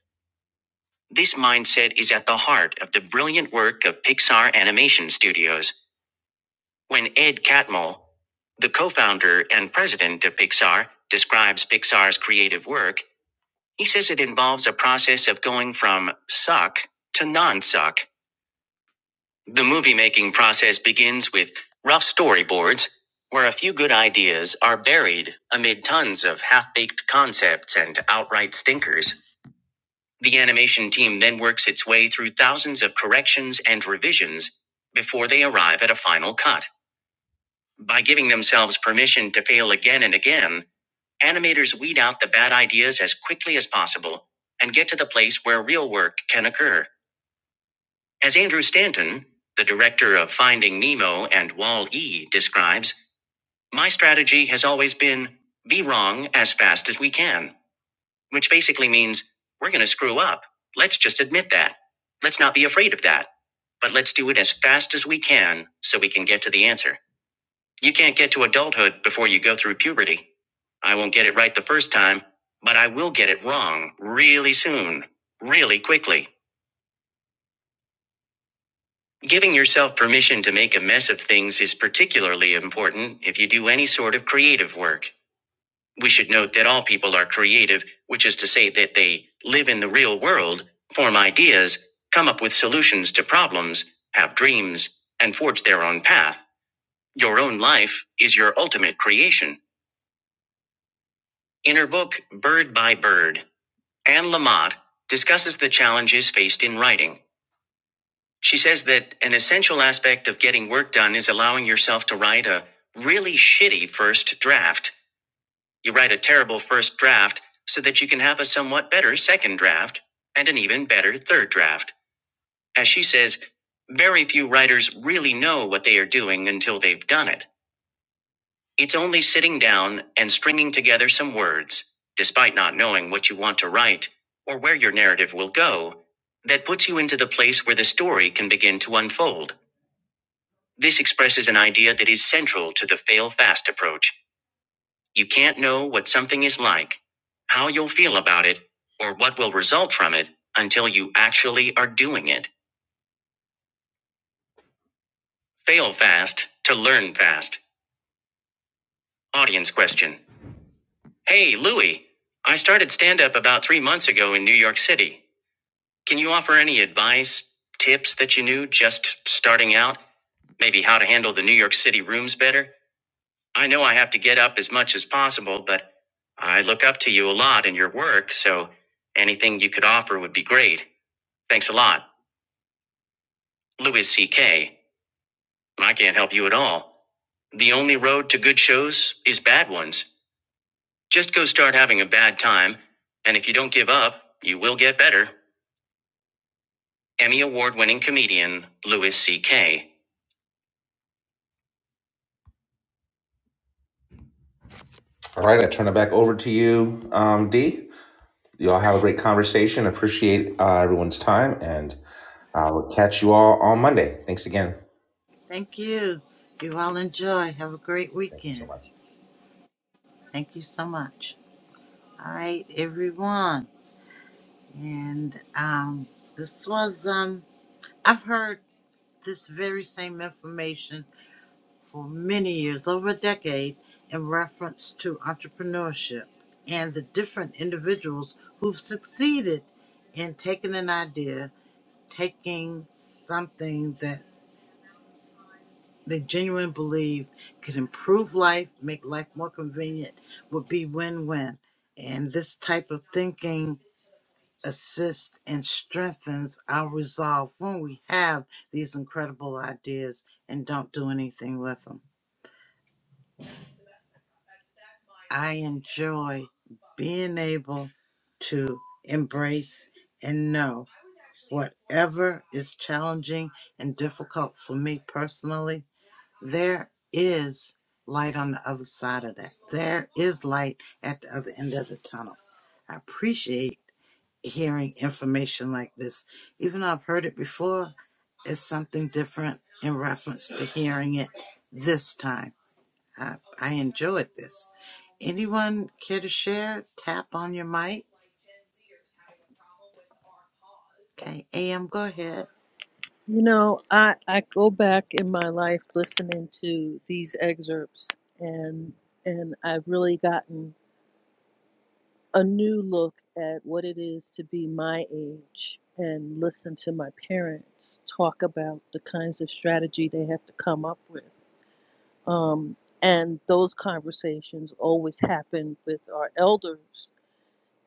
This mindset is at the heart of the brilliant work of Pixar Animation Studios. When Ed Catmull, the co founder and president of Pixar, describes Pixar's creative work, he says it involves a process of going from suck to non suck. The movie making process begins with rough storyboards, where a few good ideas are buried amid tons of half baked concepts and outright stinkers. The animation team then works its way through thousands of corrections and revisions before they arrive at a final cut. By giving themselves permission to fail again and again, animators weed out the bad ideas as quickly as possible and get to the place where real work can occur. As Andrew Stanton, the director of Finding Nemo and Wall E, describes, my strategy has always been be wrong as fast as we can, which basically means we're going to screw up. Let's just admit that. Let's not be afraid of that. But let's do it as fast as we can so we can get to the answer. You can't get to adulthood before you go through puberty. I won't get it right the first time, but I will get it wrong really soon, really quickly. Giving yourself permission to make a mess of things is particularly important if you do any sort of creative work. We should note that all people are creative, which is to say that they live in the real world, form ideas, come up with solutions to problems, have dreams, and forge their own path. Your own life is your ultimate creation. In her book, Bird by Bird, Anne Lamott discusses the challenges faced in writing. She says that an essential aspect of getting work done is allowing yourself to write a really shitty first draft. You write a terrible first draft so that you can have a somewhat better second draft and an even better third draft. As she says, very few writers really know what they are doing until they've done it. It's only sitting down and stringing together some words, despite not knowing what you want to write or where your narrative will go, that puts you into the place where the story can begin to unfold. This expresses an idea that is central to the fail fast approach. You can't know what something is like, how you'll feel about it, or what will result from it until you actually are doing it. Fail fast to learn fast. Audience question Hey, Louie, I started stand up about three months ago in New York City. Can you offer any advice, tips that you knew just starting out? Maybe how to handle the New York City rooms better? I know I have to get up as much as possible, but I look up to you a lot in your work, so anything you could offer would be great. Thanks a lot. Louis C.K. I can't help you at all. The only road to good shows is bad ones. Just go start having a bad time, and if you don't give up, you will get better. Emmy award winning comedian Louis C.K. All right, I turn it back over to you, um, Dee. You all have a great conversation. Appreciate uh, everyone's time, and I will catch you all on Monday. Thanks again. Thank you. You all enjoy. Have a great Thank you so weekend. much. Thank you so much. All right, everyone. And um, this was um, I've heard this very same information for many years, over a decade, in reference to entrepreneurship and the different individuals who've succeeded in taking an idea, taking something that they genuinely believe could improve life, make life more convenient, would be win win. And this type of thinking assists and strengthens our resolve when we have these incredible ideas and don't do anything with them. I enjoy being able to embrace and know whatever is challenging and difficult for me personally There is light on the other side of that. There is light at the other end of the tunnel. I appreciate hearing information like this. Even though I've heard it before, it's something different in reference to hearing it this time. I, I enjoyed this. Anyone care to share? Tap on your mic. Okay, AM, go ahead. you know, I I go back in my life listening to these excerpts and and I've really gotten a new look at what it is to be my age and listen to my parents talk about the kinds of strategy they have to come up with Um, and those conversations always happened with our elders.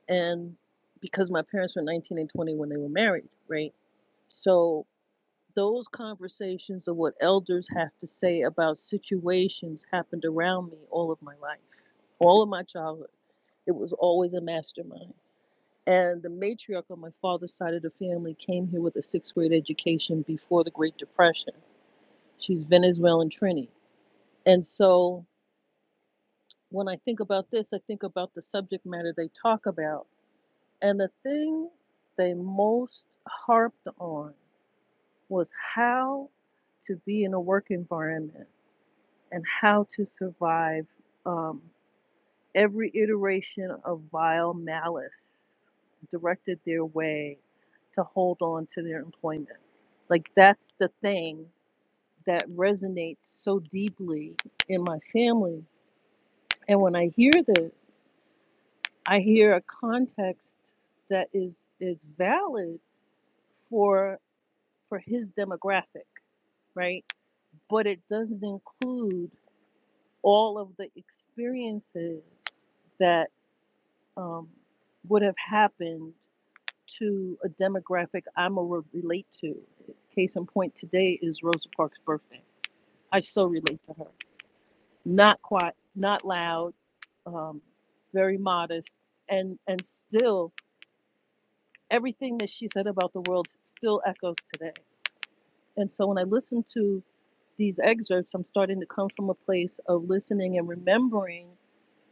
And because my parents were 19 and 20 when they were married, right? So those conversations of what elders have to say about situations happened around me all of my life, all of my childhood. It was always a mastermind. And the matriarch on my father's side of the family came here with a sixth grade education before the Great Depression. She's Venezuelan Trini. And so When I think about this, I think about the subject matter they talk about. And the thing they most harped on was how to be in a work environment and how to survive um, every iteration of vile malice directed their way to hold on to their employment. Like, that's the thing that resonates so deeply in my family. And when I hear this, I hear a context that is is valid for for his demographic, right? But it doesn't include all of the experiences that um, would have happened to a demographic I'm a relate to. Case in point, today is Rosa Parks' birthday. I so relate to her. Not quiet, not loud, um, very modest, and and still everything that she said about the world still echoes today. And so when I listen to these excerpts, I'm starting to come from a place of listening and remembering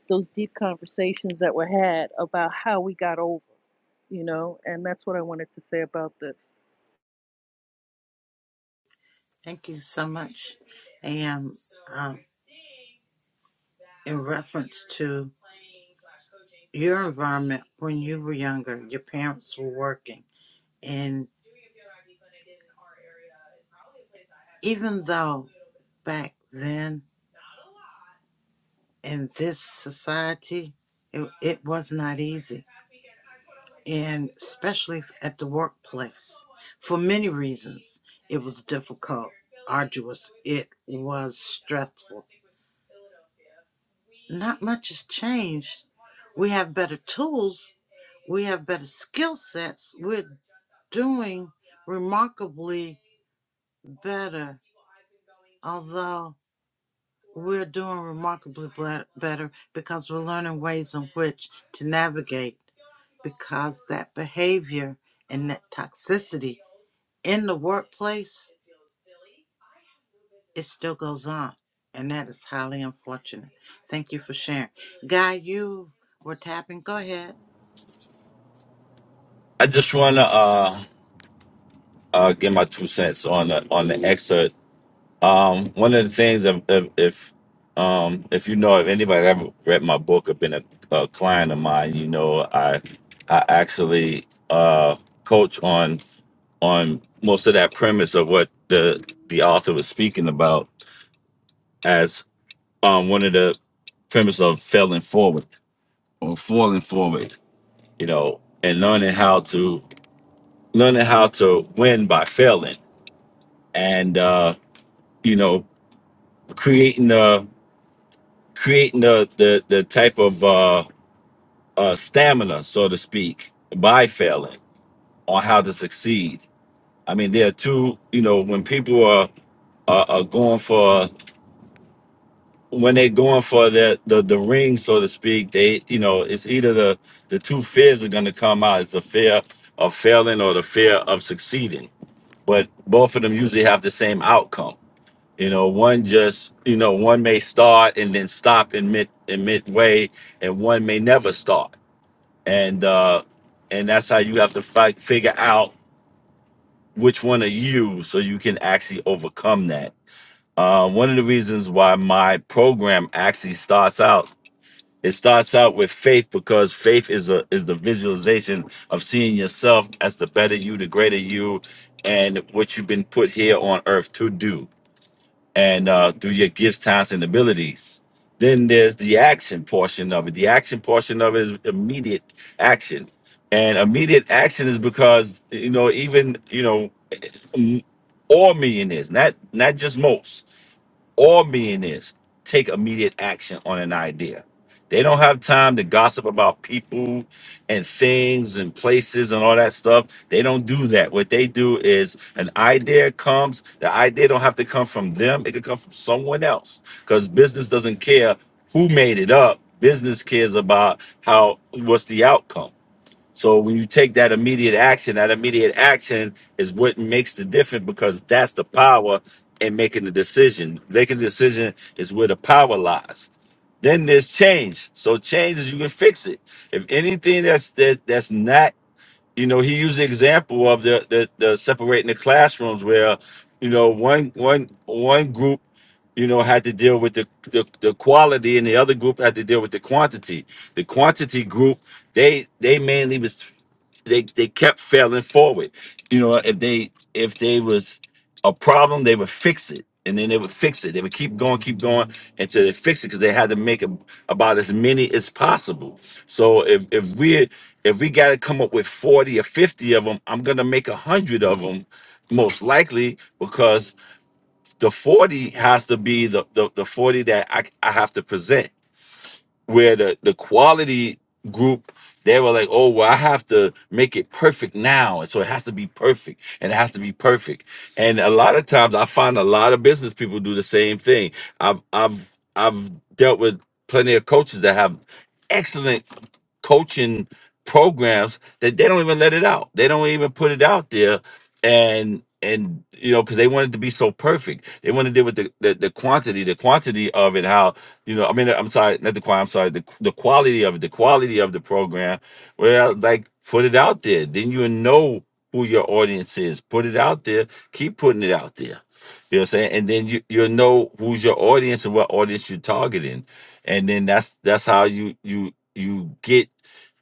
those deep conversations that were had about how we got over, you know, and that's what I wanted to say about this. Thank you so much, AM. Um, in reference to your environment when you were younger, your parents were working, and even though back then in this society it, it was not easy, and especially at the workplace, for many reasons, it was difficult, arduous, it was stressful. Not much has changed. We have better tools, we have better skill sets, we're doing remarkably better, although we're doing remarkably better because we're learning ways in which to navigate because that behavior and that toxicity in the workplace it still goes on and that is highly unfortunate thank you for sharing guy you were tapping go ahead I just wanna uh uh, give my two cents on the, on the excerpt. Um, one of the things, if if if, um, if you know, if anybody ever read my book or been a, a client of mine, you know, I I actually uh, coach on on most of that premise of what the the author was speaking about as um, one of the premise of failing forward or falling forward, you know, and learning how to learning how to win by failing and uh, you know creating the creating the the, the type of uh, uh, stamina, so to speak, by failing on how to succeed. I mean, there are two. You know, when people are are, are going for when they're going for the, the the ring, so to speak, they you know it's either the the two fears are going to come out. It's the fear of failing or the fear of succeeding. But both of them usually have the same outcome You know, one just you know one may start and then stop in mid in midway, and one may never start. And uh, and that's how you have to fight, figure out which one are you, so you can actually overcome that. Uh, one of the reasons why my program actually starts out it starts out with faith because faith is a is the visualization of seeing yourself as the better you, the greater you, and what you've been put here on earth to do and uh, through your gifts, talents, and abilities. Then there's the action portion of it. The action portion of it is immediate action, and immediate action is because you know even you know m- all millionaires, not not just most all millionaires take immediate action on an idea. They don't have time to gossip about people and things and places and all that stuff. They don't do that. What they do is an idea comes, the idea don't have to come from them. It could come from someone else cuz business doesn't care who made it up. Business cares about how what's the outcome. So when you take that immediate action, that immediate action is what makes the difference because that's the power in making the decision. Making the decision is where the power lies. Then there's change. So change is you can fix it. If anything that's that that's not, you know, he used the example of the the, the separating the classrooms where, you know, one one one group you know, had to deal with the, the the quality, and the other group had to deal with the quantity. The quantity group, they they mainly was they they kept failing forward. You know, if they if they was a problem, they would fix it, and then they would fix it. They would keep going, keep going until they fix it because they had to make ab- about as many as possible. So if if we if we got to come up with forty or fifty of them, I'm gonna make a hundred of them most likely because the 40 has to be the the, the 40 that I, I have to present where the the quality group they were like oh well i have to make it perfect now and so it has to be perfect and it has to be perfect and a lot of times i find a lot of business people do the same thing i've i've i've dealt with plenty of coaches that have excellent coaching programs that they don't even let it out. They don't even put it out there, and and you know because they want it to be so perfect. They want to deal with the, the the quantity, the quantity of it. How you know? I mean, I'm sorry, not the quantity. I'm sorry, the the quality of it, the quality of the program. Well, like put it out there, then you know who your audience is. Put it out there. Keep putting it out there. You know what I'm saying? And then you you'll know who's your audience and what audience you're targeting. And then that's that's how you you you get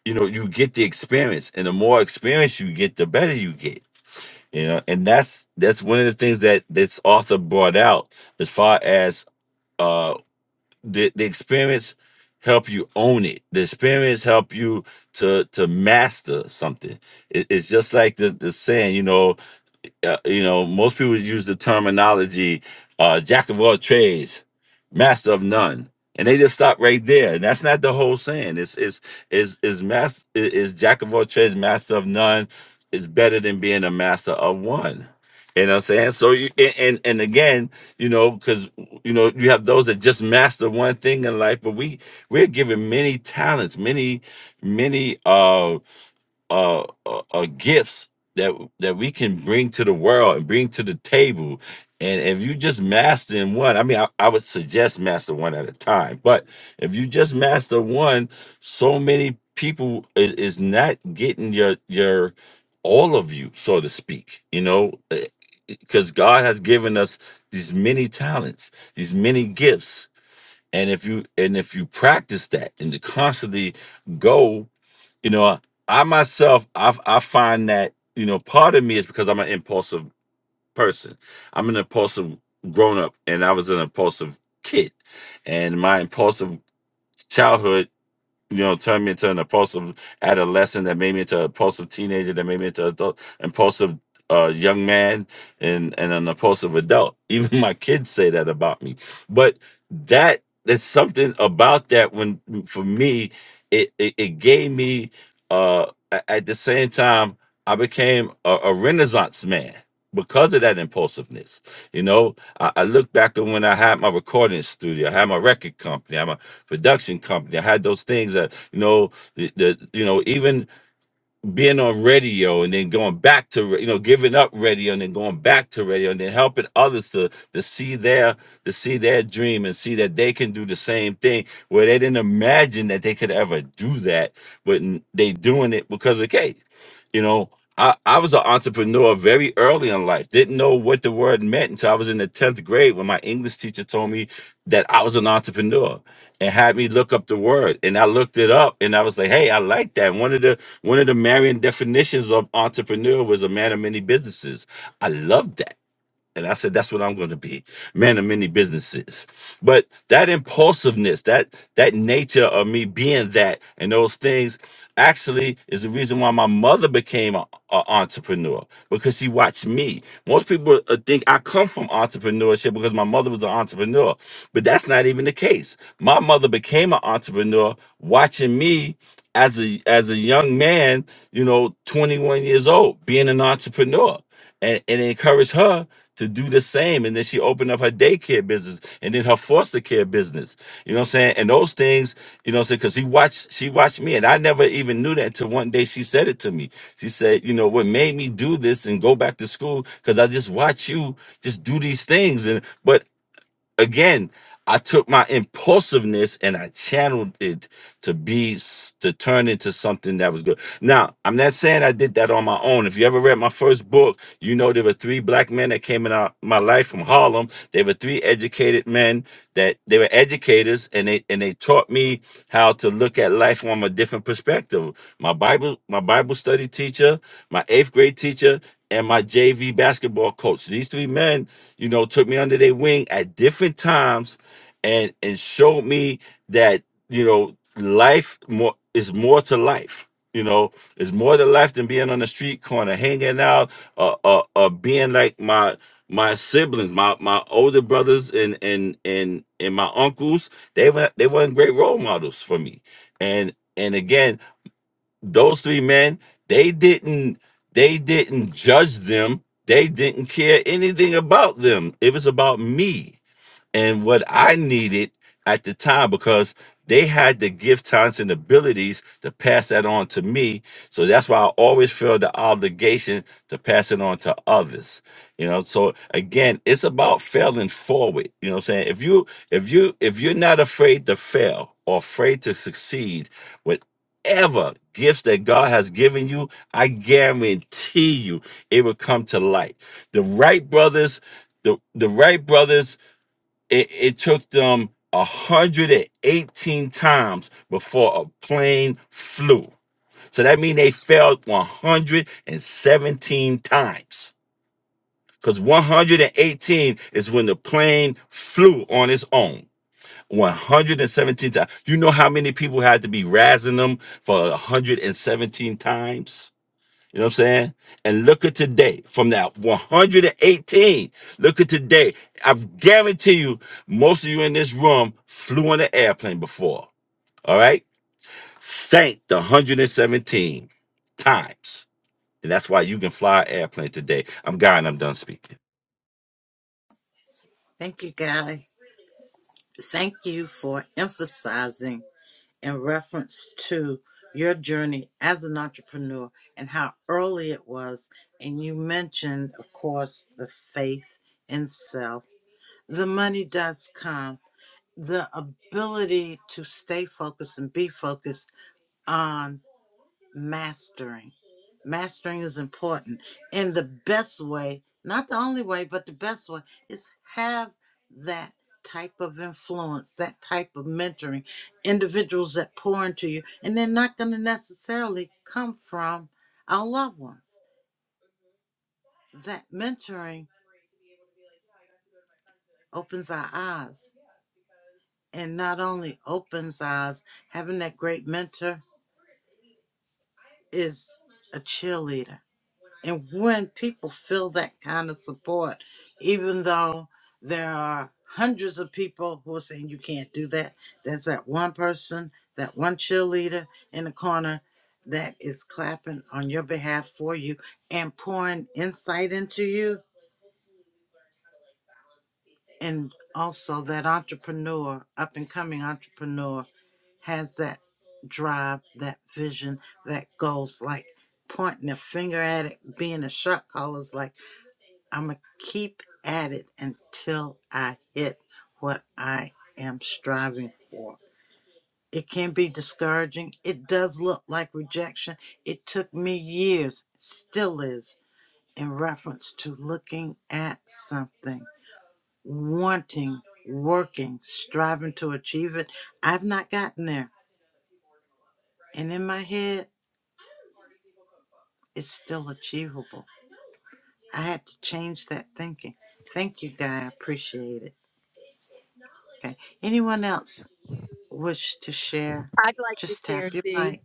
you know you get the experience and the more experience you get the better you get you know and that's that's one of the things that this author brought out as far as uh the, the experience help you own it the experience help you to to master something it, it's just like the, the saying you know uh, you know, most people use the terminology uh, jack of all trades, master of none, and they just stop right there. And that's not the whole saying. It's it's is is mas is jack of all trades, master of none is better than being a master of one. You know what I'm saying? So you and and and again, you know, because you know you have those that just master one thing in life, but we we're given many talents, many many. uh uh, uh, uh gifts that that we can bring to the world and bring to the table and if you just master in one i mean I, I would suggest master one at a time but if you just master one so many people is, is not getting your your all of you so to speak you know because god has given us these many talents these many gifts and if you and if you practice that and to constantly go you know i, myself I, I find that you know part of me is because i'm an impulsive person i'm an impulsive grown-up and i was an impulsive kid and my impulsive childhood you know, turned me into an impulsive adolescent that made me into an impulsive teenager that made me into an adult, impulsive uh, young man and, and an impulsive adult. Even my kids say that about me. But that there's something about that when for me it it, it gave me uh a- at the same time I became a, a renaissance man because of that impulsiveness. You know, I, I look back at when I had my recording studio, I had my record company, production company. I had those things that you know the, the you know even being on radio and then going back to you know giving up radio and then going back to radio and then helping others to to see their to see their dream and see that they can do the same thing where they didn't imagine that they could ever do that but n- they doing it because of Kate you know I, I was an entrepreneur very early in life didn't know what the word meant until i was in the 10th grade when my english teacher told me that i was an entrepreneur and had me look up the word and i looked it up and i was like hey i like that one of the one of the Marian definitions of entrepreneur was a man of many businesses. I love that and I said, that's what I'm going to be, man of many businesses. But that impulsiveness, that that nature of me being that and those things actually is the reason why my mother became an entrepreneur because she watched me. Most people uh, think I come from entrepreneurship because my mother was an entrepreneur, but that's not even the case. My mother became an entrepreneur watching me as a as a young man, you know, 21 years old, being an entrepreneur. And, and it encouraged her to do the same. And then she opened up her daycare business and then her foster care business. You know what I'm saying? And those things, you know what I'm saying? Because he watched, she watched me and I never even knew that until one day she said it to me. She said, you know, what made me do this and go back to school? Because I just watch you just do these things. And, but again i took my impulsiveness and i channeled it to be s- to turn into something that was good now i'm not saying i did that on my own if you ever read my first book you know there were three black men that came in our, my life from harlem they were three educated men that they were educators and they and they taught me how to look at life from a different perspective my bible my bible study teacher my eighth grade teacher and my jv basketball coach these three men you know, took me under their wing at different times and and showed me that, you know, life more is more to life. You know, it's more to life than being on the street corner, hanging out, uh, uh, uh being like my my siblings, my my older brothers and and and and my uncles. They were they weren't great role models for me, and and again those three men they didn't they didn't judge them they didn't care anything about them it was about me and what I needed at the time because they had the gift, talents, and abilities to pass that on to me. So that's why I always feel the obligation to pass it on to others. You know, so again, it's about failing forward. You know what I'm saying? If you if you if you're not afraid to fail or afraid to succeed, whatever gifts that God has given you, I guarantee you it will come to light. The Wright brothers the the Wright brothers it, it took them 118 times before a plane flew. So that means they failed 117 times. Because 118 is when the plane flew on its own. 117 times. You know how many people had to be razzing them for 117 times? You know what I'm saying? And look at today, from that 118, look at today. I guarantee you, most of you in this room flew on an airplane before. All right? Thank the 117 times. And that's why you can fly an airplane today. I'm God and I'm done speaking. Thank you, Guy. Thank you for emphasizing in reference to your journey as an entrepreneur and how early it was. And you mentioned, of course, the faith in self. The money does come, the ability to stay focused and be focused on mastering. Mastering is important. And the best way, not the only way, but the best way is have that type of influence, that type of mentoring, individuals that pour into you, and they're not going to necessarily come from our loved ones. That mentoring opens our eyes, and not only opens eyes, having that great mentor. is a cheerleader. And when people feel that kind of support, even though there are hundreds of people who are saying you can't do that, there's that one person, that one cheerleader in the corner that is clapping on your behalf for you and pouring insight into you. And also that entrepreneur, up and coming entrepreneur has that drive, that vision, that goals, like pointing a finger at it, being a shot caller is like, I'm going to keep at it until I hit what I am striving for. It can be discouraging. It does look like rejection. It took me years, still is, in reference to looking at something, wanting, working, striving to achieve it. I've not gotten there. And in my head, It's still achievable. I had to change that thinking. Thank you, Guy. I appreciate it. Okay. Anyone else wish to share? I'd like to Just tap share, your Dee. mic.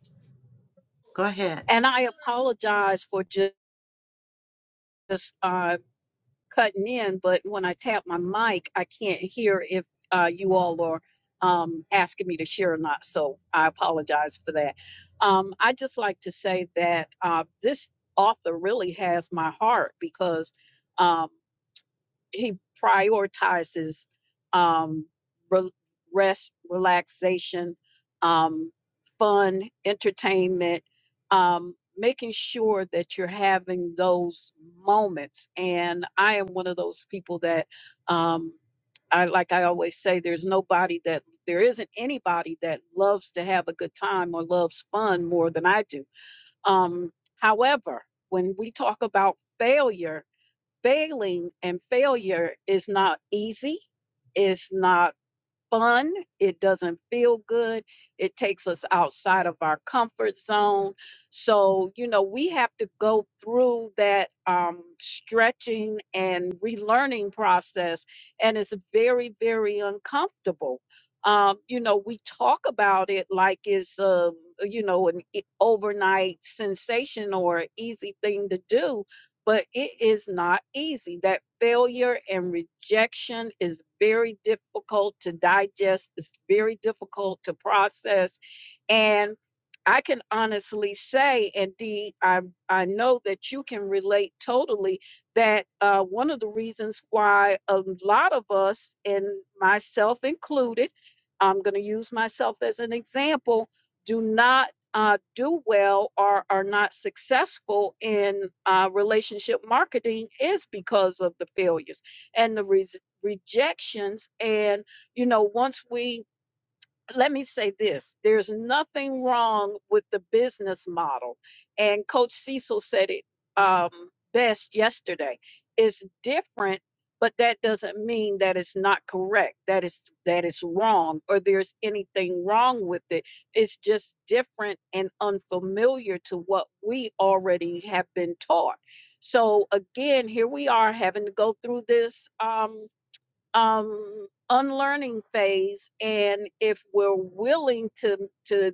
Go ahead. And I apologize for just uh, cutting in, but when I tap my mic, I can't hear if uh, you all are um, asking me to share or not. So I apologize for that. Um, I just like to say that uh, this author really has my heart because. um, he prioritizes um, re- rest, relaxation, um, fun, entertainment, um, making sure that you're having those moments. And I am one of those people that, um, I like I always say, there's nobody that there isn't anybody that loves to have a good time or loves fun more than I do. Um, however, when we talk about failure failing and failure is not easy, it's not fun, it doesn't feel good, it takes us outside of our comfort zone. So, you know, we have to go through that um, stretching and relearning process, and it's very, very uncomfortable. Um, you know, we talk about it like it's, um, you know, an e- overnight sensation or an easy thing to do, but it is not easy. That failure and rejection is very difficult to digest, it's very difficult to process. And I can honestly say, and Dee, I, I know that you can relate totally, that uh, one of the reasons why a lot of us, and myself included, I'm going to use myself as an example, do not uh, do well or are not successful in uh, relationship marketing is because of the failures and the res- rejections. And, you know, once we let me say this there's nothing wrong with the business model and coach cecil said it um, best yesterday it's different but that doesn't mean that it's not correct that is that it's wrong or there's anything wrong with it it's just different and unfamiliar to what we already have been taught so again here we are having to go through this um, um, unlearning phase, and if we're willing to to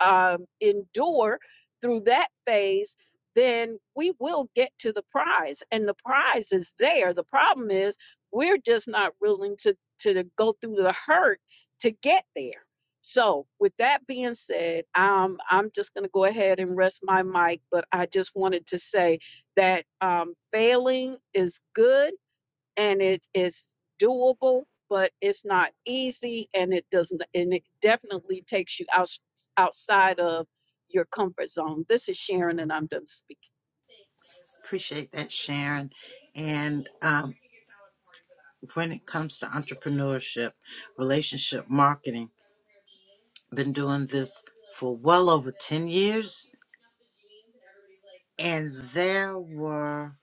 um, endure through that phase, then we will get to the prize, and the prize is there. The problem is we're just not willing to to go through the hurt to get there. So, with that being said, um, I'm just going to go ahead and rest my mic. But I just wanted to say that um, failing is good and it is doable but it's not easy and it doesn't and it definitely takes you out, outside of your comfort zone this is sharon and i'm done speaking Appreciate that, Sharon. And um, when it comes to entrepreneurship, relationship marketing, been doing this for well over 10 years, and there were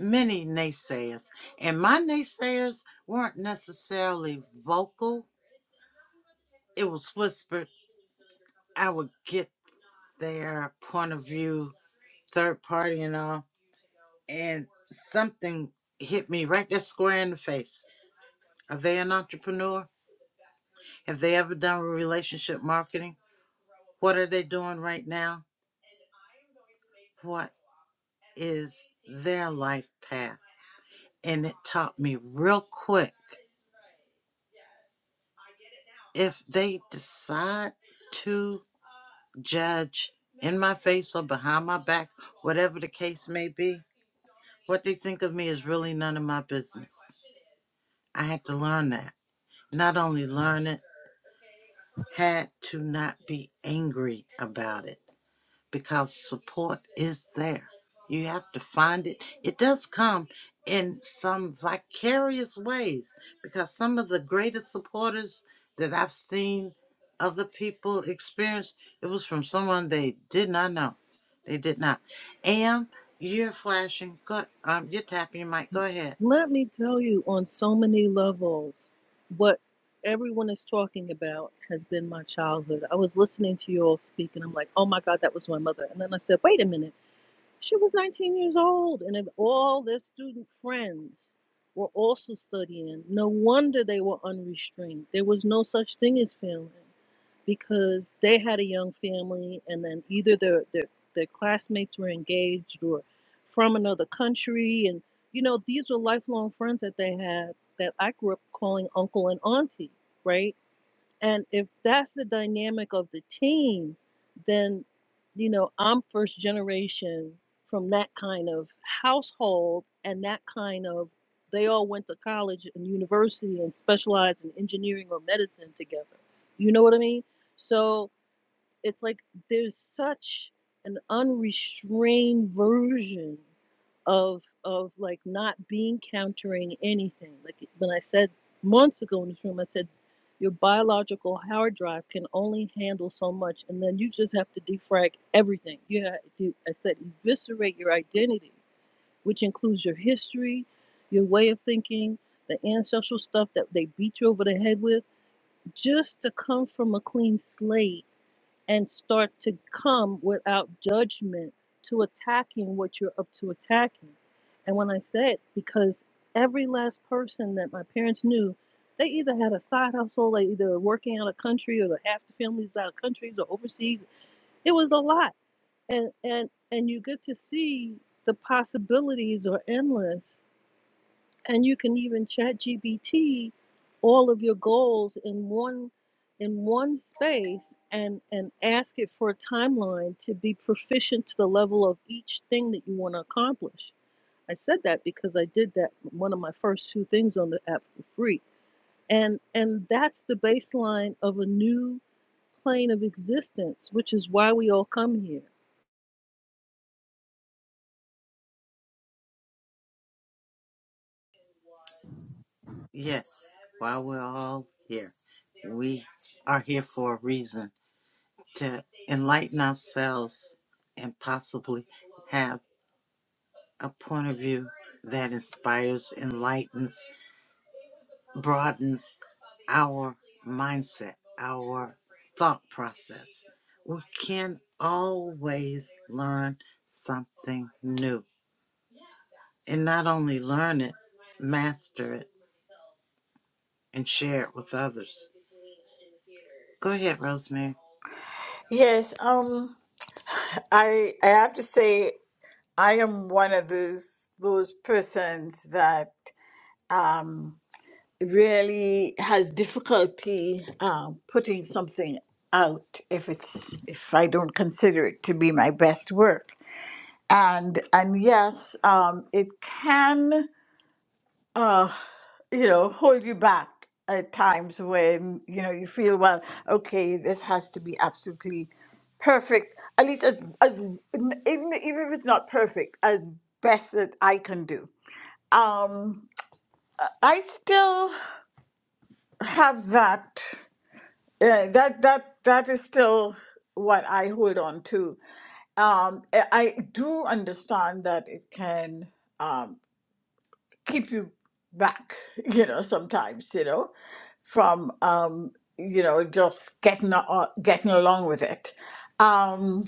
many naysayers. And my naysayers weren't necessarily vocal, it was whispered I would get their point of view, third party and all, and something hit me right there square in the face. Are they an entrepreneur? Have they ever done relationship marketing? What are they doing right now? What is their life path? And it taught me real quick if they decide to judge in my face or behind my back, whatever the case may be. What they think of me is really none of my business. I had to learn that. Not only learn it, had to not be angry about it because support is there. You have to find it. It does come in some vicarious ways because some of the greatest supporters that I've seen other people experience, it was from someone they did not know. They did not. And you're flashing. Go, um, you're tapping your mic. Go ahead. Let me tell you on so many levels what everyone is talking about has been my childhood. I was listening to you all speak and I'm like, oh my God, that was my mother. And then I said, wait a minute She was 19 years old, and if all their student friends were also studying, no wonder they were unrestrained. There was no such thing as failing because they had a young family, and then either their, their, their classmates were engaged or from another country. And, you know, these were lifelong friends that they had that I grew up calling uncle and auntie, right? And if that's the dynamic of the team, then, you know, I'm first generation from that kind of household and that kind of, they all went to college and university and specialized in engineering or medicine together. You know what I mean? So, it's like there's such an unrestrained version of of like not being countering anything. Like when I said months ago in this room, I said your biological hard drive can only handle so much, and then you just have to defrag everything. You have to, I said, eviscerate your identity, which includes your history, your way of thinking, the ancestral stuff that they beat you over the head with, just to come from a clean slate and start to come without judgment to attacking what you're up to attacking. And when I said, because every last person that my parents knew, they either had a side hustle, they either working out of country or half the families out of countries or overseas. It was a lot. And and and you get to see the possibilities are endless and you can even chat gbt all of your goals in one in one space and and ask it for a timeline to be proficient to the level of each thing that you want to accomplish i said that because i did that one of my first two things on the app for free and and that's the baseline of a new plane of existence which is why we all come here Yes. While we're all here, we are here for a reason to enlighten ourselves and possibly have a point of view that inspires, enlightens, broadens our mindset, our thought process. We can always learn something new and not only learn it, master it, and share it with others. Go ahead, Rosemary. Yes, um, I I have to say I am one of those those persons that um, really has difficulty um, putting something out if it's if I don't consider it to be my best work. and and yes, um, it can uh, you know hold you back at times when you know you feel well. Okay, this has to be absolutely perfect. At least as as even, even if it's not perfect, as best that I can do. Um, I still have that. Uh, that that that is still what I hold on to. Um, I I do understand that it can. um, keep you back, you know, sometimes, you know, from, um, you know, just getting, uh, getting along with it. Um,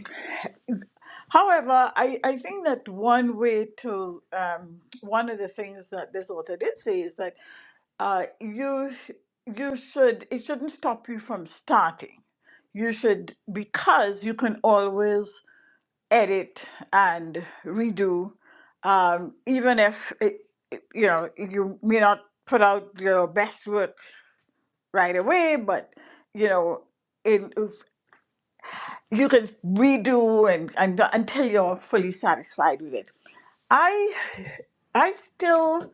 however, I, I think that one way to, um, one of the things that this author did say is that uh, you, you should, it shouldn't stop you from starting. You should, because you can always edit and redo um, even if it, it- you know you may not put out your best work right away but you know in you can redo and, and until you're fully satisfied with it i i still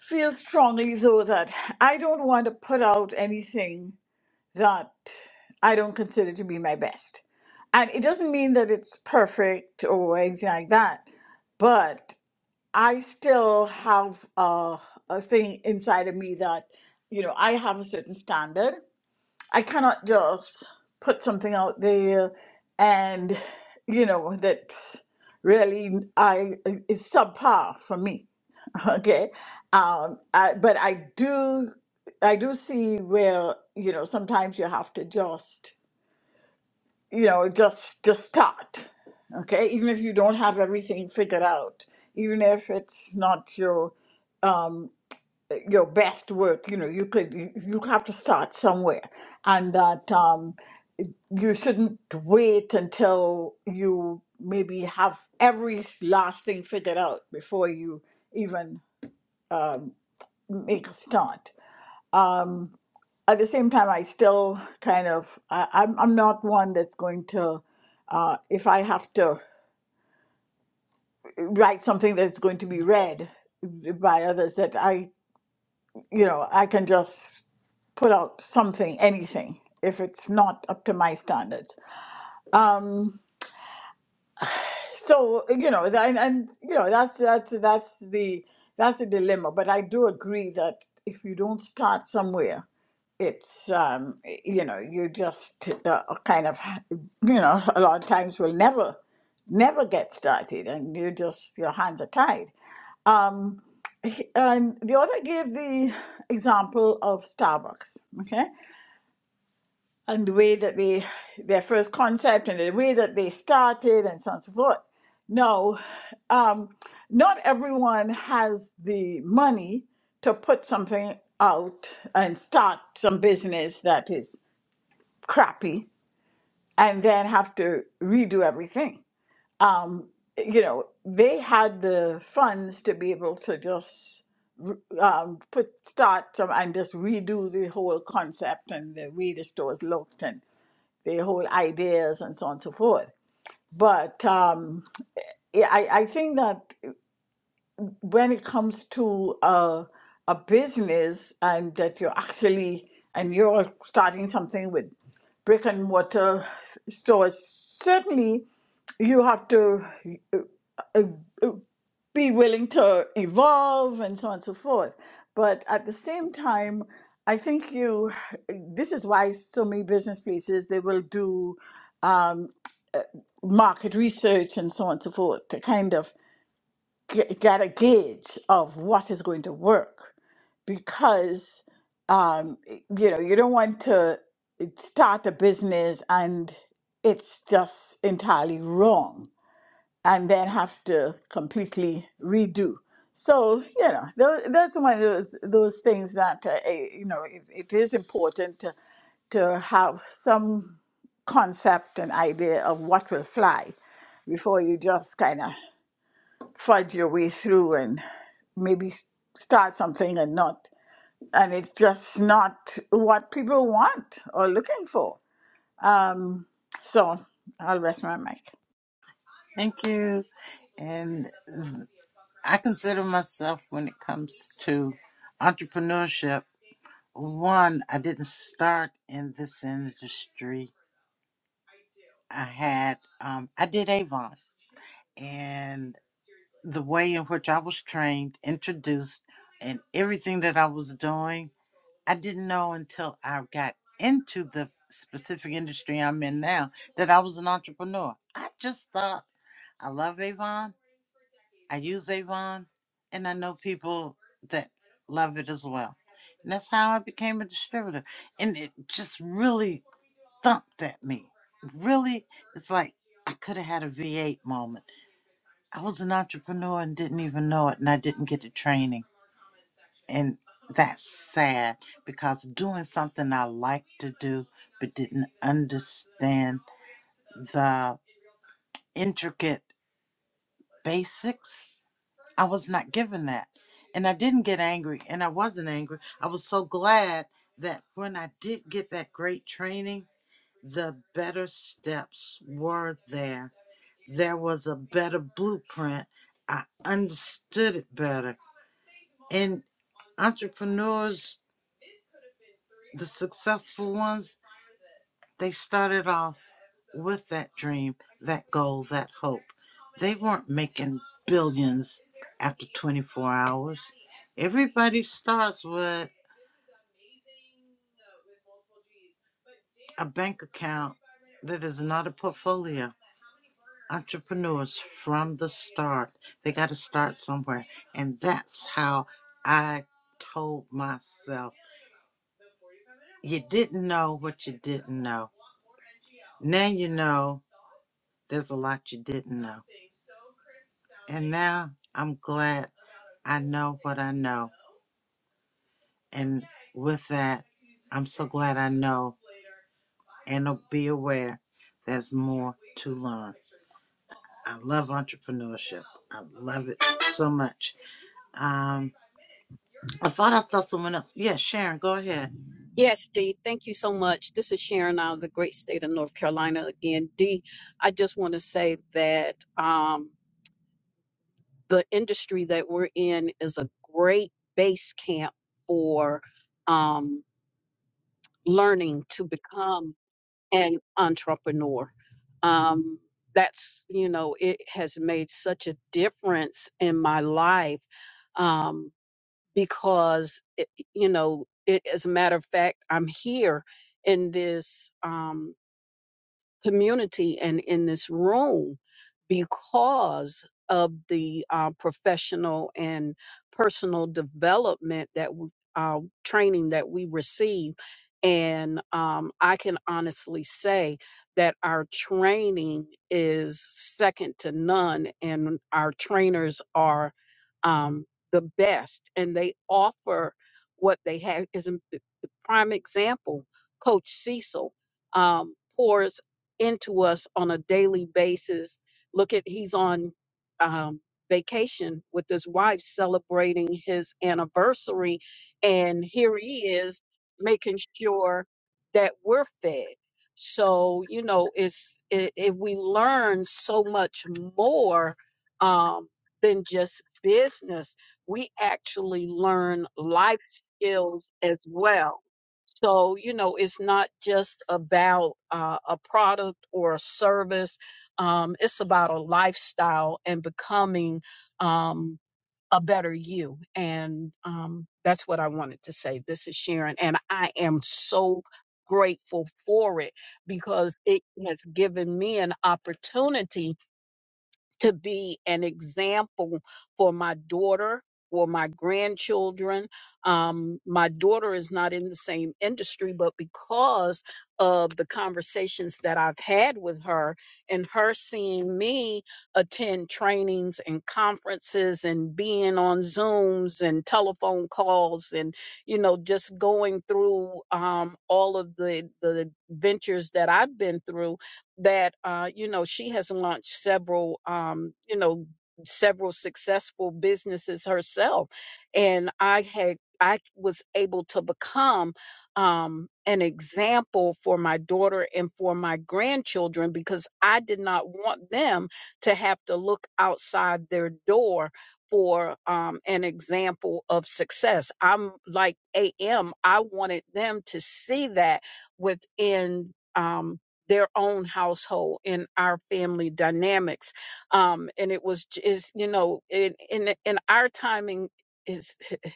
feel strongly though that i don't want to put out anything that I don't consider to be my best. And it doesn't mean that it's perfect or anything like that, but I still have a, a thing inside of me that, you know, I have a certain standard. I cannot just put something out there and, you know, that really I is subpar for me. Okay. Um, I, but I do, I do see where, you know, sometimes you have to just, you know, just, just start. Okay. Even if you don't have everything figured out, even if it's not your, um, your best work, you know, you could, you, you have to start somewhere. And that, um, you shouldn't wait until you maybe have every last thing figured out before you even, um, make a start. um, at the same time, I still kind of I, I'm I'm not one that's going to uh, if I have to write something that's going to be read by others that I you know I can just put out something anything if it's not up to my standards. Um, so you know that, and, and you know that's that's that's the that's a dilemma. But I do agree that if you don't start somewhere it's um, you know you just uh, kind of you know a lot of times will never never get started and you just your hands are tied um, he- and the author gave the example of starbucks okay and the way that they their first concept and the way that they started and so on and so forth no um, not everyone has the money to put something out and start some business that is crappy and then have to redo everything. Um, you know, they had the funds to be able to just r- um, put start some and just redo the whole concept and the way the stores looked and the whole ideas and so on and so forth. But um, yeah, I, I think that. when it comes to a, a business and that you're actually and you're starting something with brick and mortar stores, certainly you have to uh, uh, uh, be willing to evolve and so on and so forth. But at the same time, I think you. This is why so many business places they will do um, market research and so on and so forth to kind of g- get a gauge of what is going to work because um, you know you don't want to uh, start a business and it's just entirely wrong and then have to completely redo so you know tho- that's one of those, those things that uh, eh, you know it, it is important to, to have some concept and idea of what will fly before you just kind of fudge your way through maybe s- start something and not and it's just not what people want or looking for um so i'll rest my mic Thank you. And I consider myself, when it comes to entrepreneurship, one, I didn't start in this industry. I had, um, I did Avon, and the way in which I was trained, introduced, and everything that I was doing, I didn't know until I got into the specific industry I'm in now that I was an entrepreneur. I just thought, I love Avon, I use Avon, and I know people that love it as well. And that's how I became a distributor. And it just really thumped at me. Really, it's like I could have had a V8 moment. I was an entrepreneur and didn't even know it, and I didn't get the training. And that's sad because doing something I like to do but didn't understand the intricate basics, I was not given that. And I didn't get angry, and I wasn't angry. I was so glad that when I did get that great training, the better steps were there There was a better blueprint. I understood it better. And entrepreneurs, the successful ones, they started off with that dream, that goal, that hope. They weren't making billions after 24 hours. Everybody starts with. a bank account that is not a portfolio. Entrepreneurs from the start, they got to start somewhere. And that's how I told myself you didn't know what you didn't know. Now you know there's a lot you didn't know. And now I'm glad I know what I know. And with that, I'm so glad I know and be aware there's more to learn. I love entrepreneurship. I love it so much. Um, I thought I saw someone else. Yes, Yeah, Sharon, go ahead. yes dee thank you so much this is sharon out of the great state of north carolina again dee i just want to say that um, the industry that we're in is a great base camp for um, learning to become and entrepreneur. Um, that's, you know, it has made such a difference in my life um, because, it, you know, it, as a matter of fact, I'm here in this. Um, community and in this room because of the uh, professional and personal development that w- uh, training that we receive. And um, I can honestly say that our training is second to none, and our trainers are um, the best, and they offer what they have. Is a the prime example, Coach Cecil um, pours into us on a daily basis. Look at he's on um, vacation with his wife celebrating his anniversary, and here he is making sure that we're fed. So you know, it's i if we learn so much more um, than just business, we actually learn life skills as well so, you know, it's not just about uh, a product or a service, um, it's about a lifestyle and becoming um, a better you. And um, that's what I wanted to say. This is Sharon, and I am so grateful for it because it has given me an opportunity to be an example for my daughter or my grandchildren. Um, my daughter is not in the same industry, but because of the conversations that I've had with her and her seeing me attend trainings and conferences and being on Zooms and telephone calls and, you know, just going through um, all of the, the ventures that I've been through that uh, you know she has launched several um, you know several successful businesses herself and i had i was able to become um, an example for my daughter and for my grandchildren because i did not want them to have to look outside their door for um, an example of success i'm like ami wanted them to see that within um, their own household in our family dynamics um and it was j- is you know in in in our timing is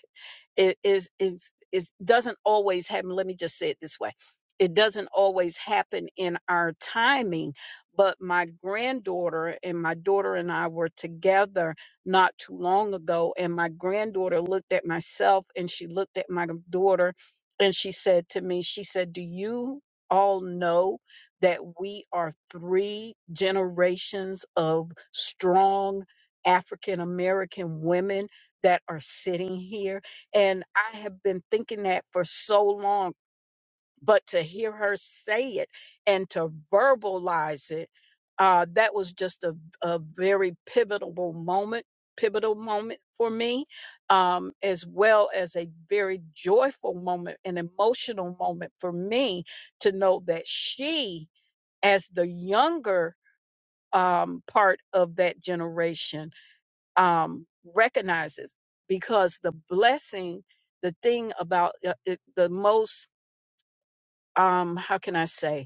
it is is is doesn't always happen let me just say it this way it doesn't always happen in our timing but my granddaughter and my daughter and I were together not too long ago and my granddaughter looked at myself and she looked at my daughter and she said to me she said do you all know that we are three generations of strong African American women that are sitting here and I have been thinking that for so long, but to hear her say it and to verbalize it, uh, that was just a, a very pivotal moment, pivotal moment for me, um, as well as a very joyful moment, an emotional moment for me to know that she, as the younger um, part of that generation, um, recognizes because the blessing, the thing about uh, it, the most, um, how can I say?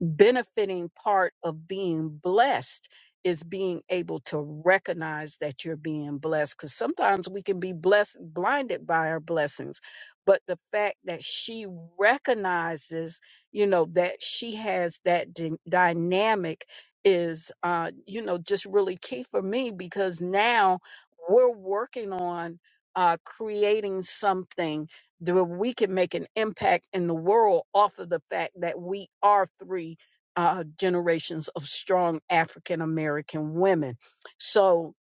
benefiting part of being blessed is being able to recognize that you're being blessed because sometimes we can be blessed blinded by our blessings but the fact that she recognizes you know that she has that dy- dynamic is uh you know just really key for me because now we're working on uh creating something the- we can make an impact in the world off of the fact that we are three uh, generations of strong African American women. So,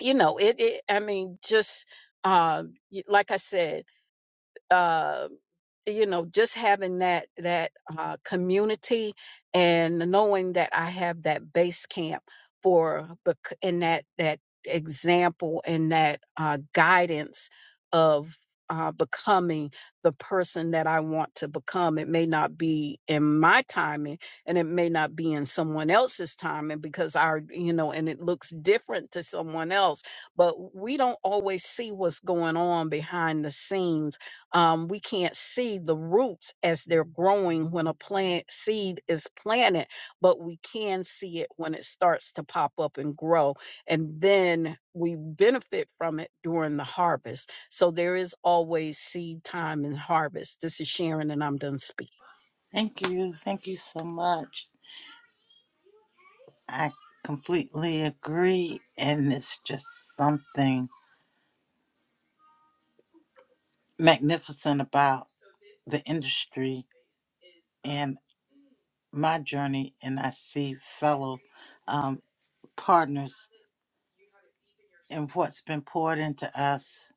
you know, it, it I mean, just uh, y- like I said, uh, you know, just having that that uh, community and knowing that I have that base camp for bec- and that that example and that uh, guidance of uh, becoming the person that I want to become. It may not be in my timing, and it may not be in someone else's timing because our you know, and it looks different to someone else. But we don't always see what's going on behind the scenes um, we can't see the roots as they're growing when a plant seed is planted, but we can see it when it starts to pop up and grow. And then we benefit from it during the harvest. So there is always seed time and harvest. This is Sharon, and I'm done speaking. Thank you. Thank you so much. I completely agree. And it's just something magnificent about the industry and my journey. And I see fellow um, partners and what's been poured into us.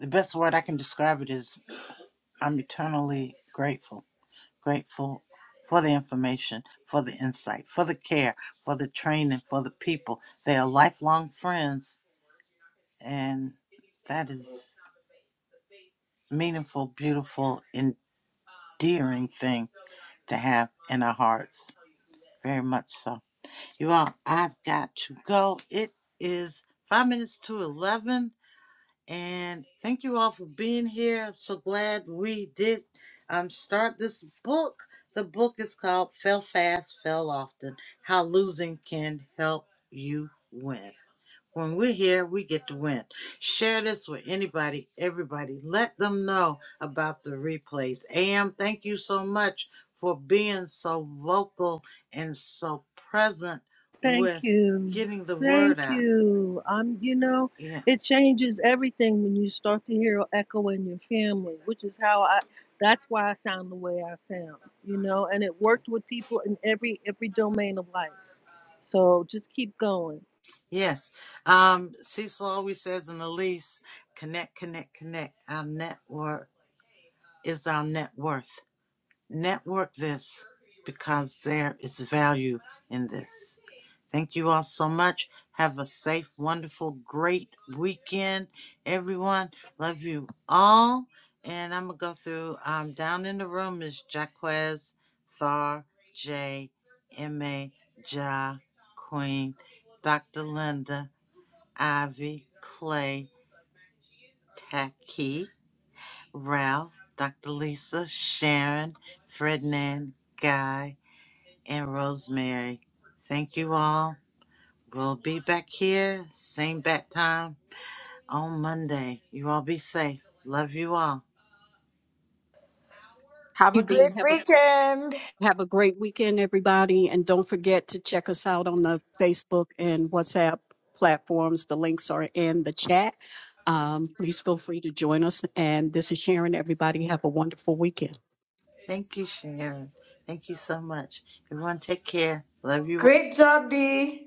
The best word I can describe it is I'm eternally grateful. Grateful for the information, for the insight, for the care, for the training, for the people. They are lifelong friends, and that is a meaningful, beautiful, endearing thing to have in our hearts. Very much so. You all, I've got to go. It is five minutes to 11. And thank you all for being here. I'm so glad we did um, start this book. The book is called Fell Fast, Fell Often How Losing Can Help You Win. When we're here, we get to win. Share this with anybody, everybody. Let them know about the replays. AM, thank you so much for being so vocal and so present Thank with you. getting the word Thank out. you. I'm, you know, Yeah. it changes everything when you start to hear an echo in your family, which is how I, that's why I sound the way I sound, you know, and it worked with people in every, every domain of life. So just keep going. Yes. Um, Cecil always says in the lease, connect, connect, connect. Our network is our net worth. Network this because there is value in this. Thank you all so much. Have a safe, wonderful, great weekend, everyone. Love you all. And I'm going to go through um, down in the room is Jaquez, Thar, J, M.A., Ja, Queen, Dr. Linda. Ivy, Clay, Taki, Ralph, Dr. Lisa, Sharon, Ferdinand, Guy, and Rosemary. Thank you all. We'll be back here, same bat time on Monday. You all be safe. Love you all. have You a Dee. great have a. weekend Have a great weekend, everybody. And don't forget to check us out on the Facebook and WhatsApp platforms. The links are in the chat. Um, please feel free to join us. And this is Sharon. Everybody have a wonderful weekend. Thank you, Sharon. Thank you so much. Everyone take care. Love you all. great job dee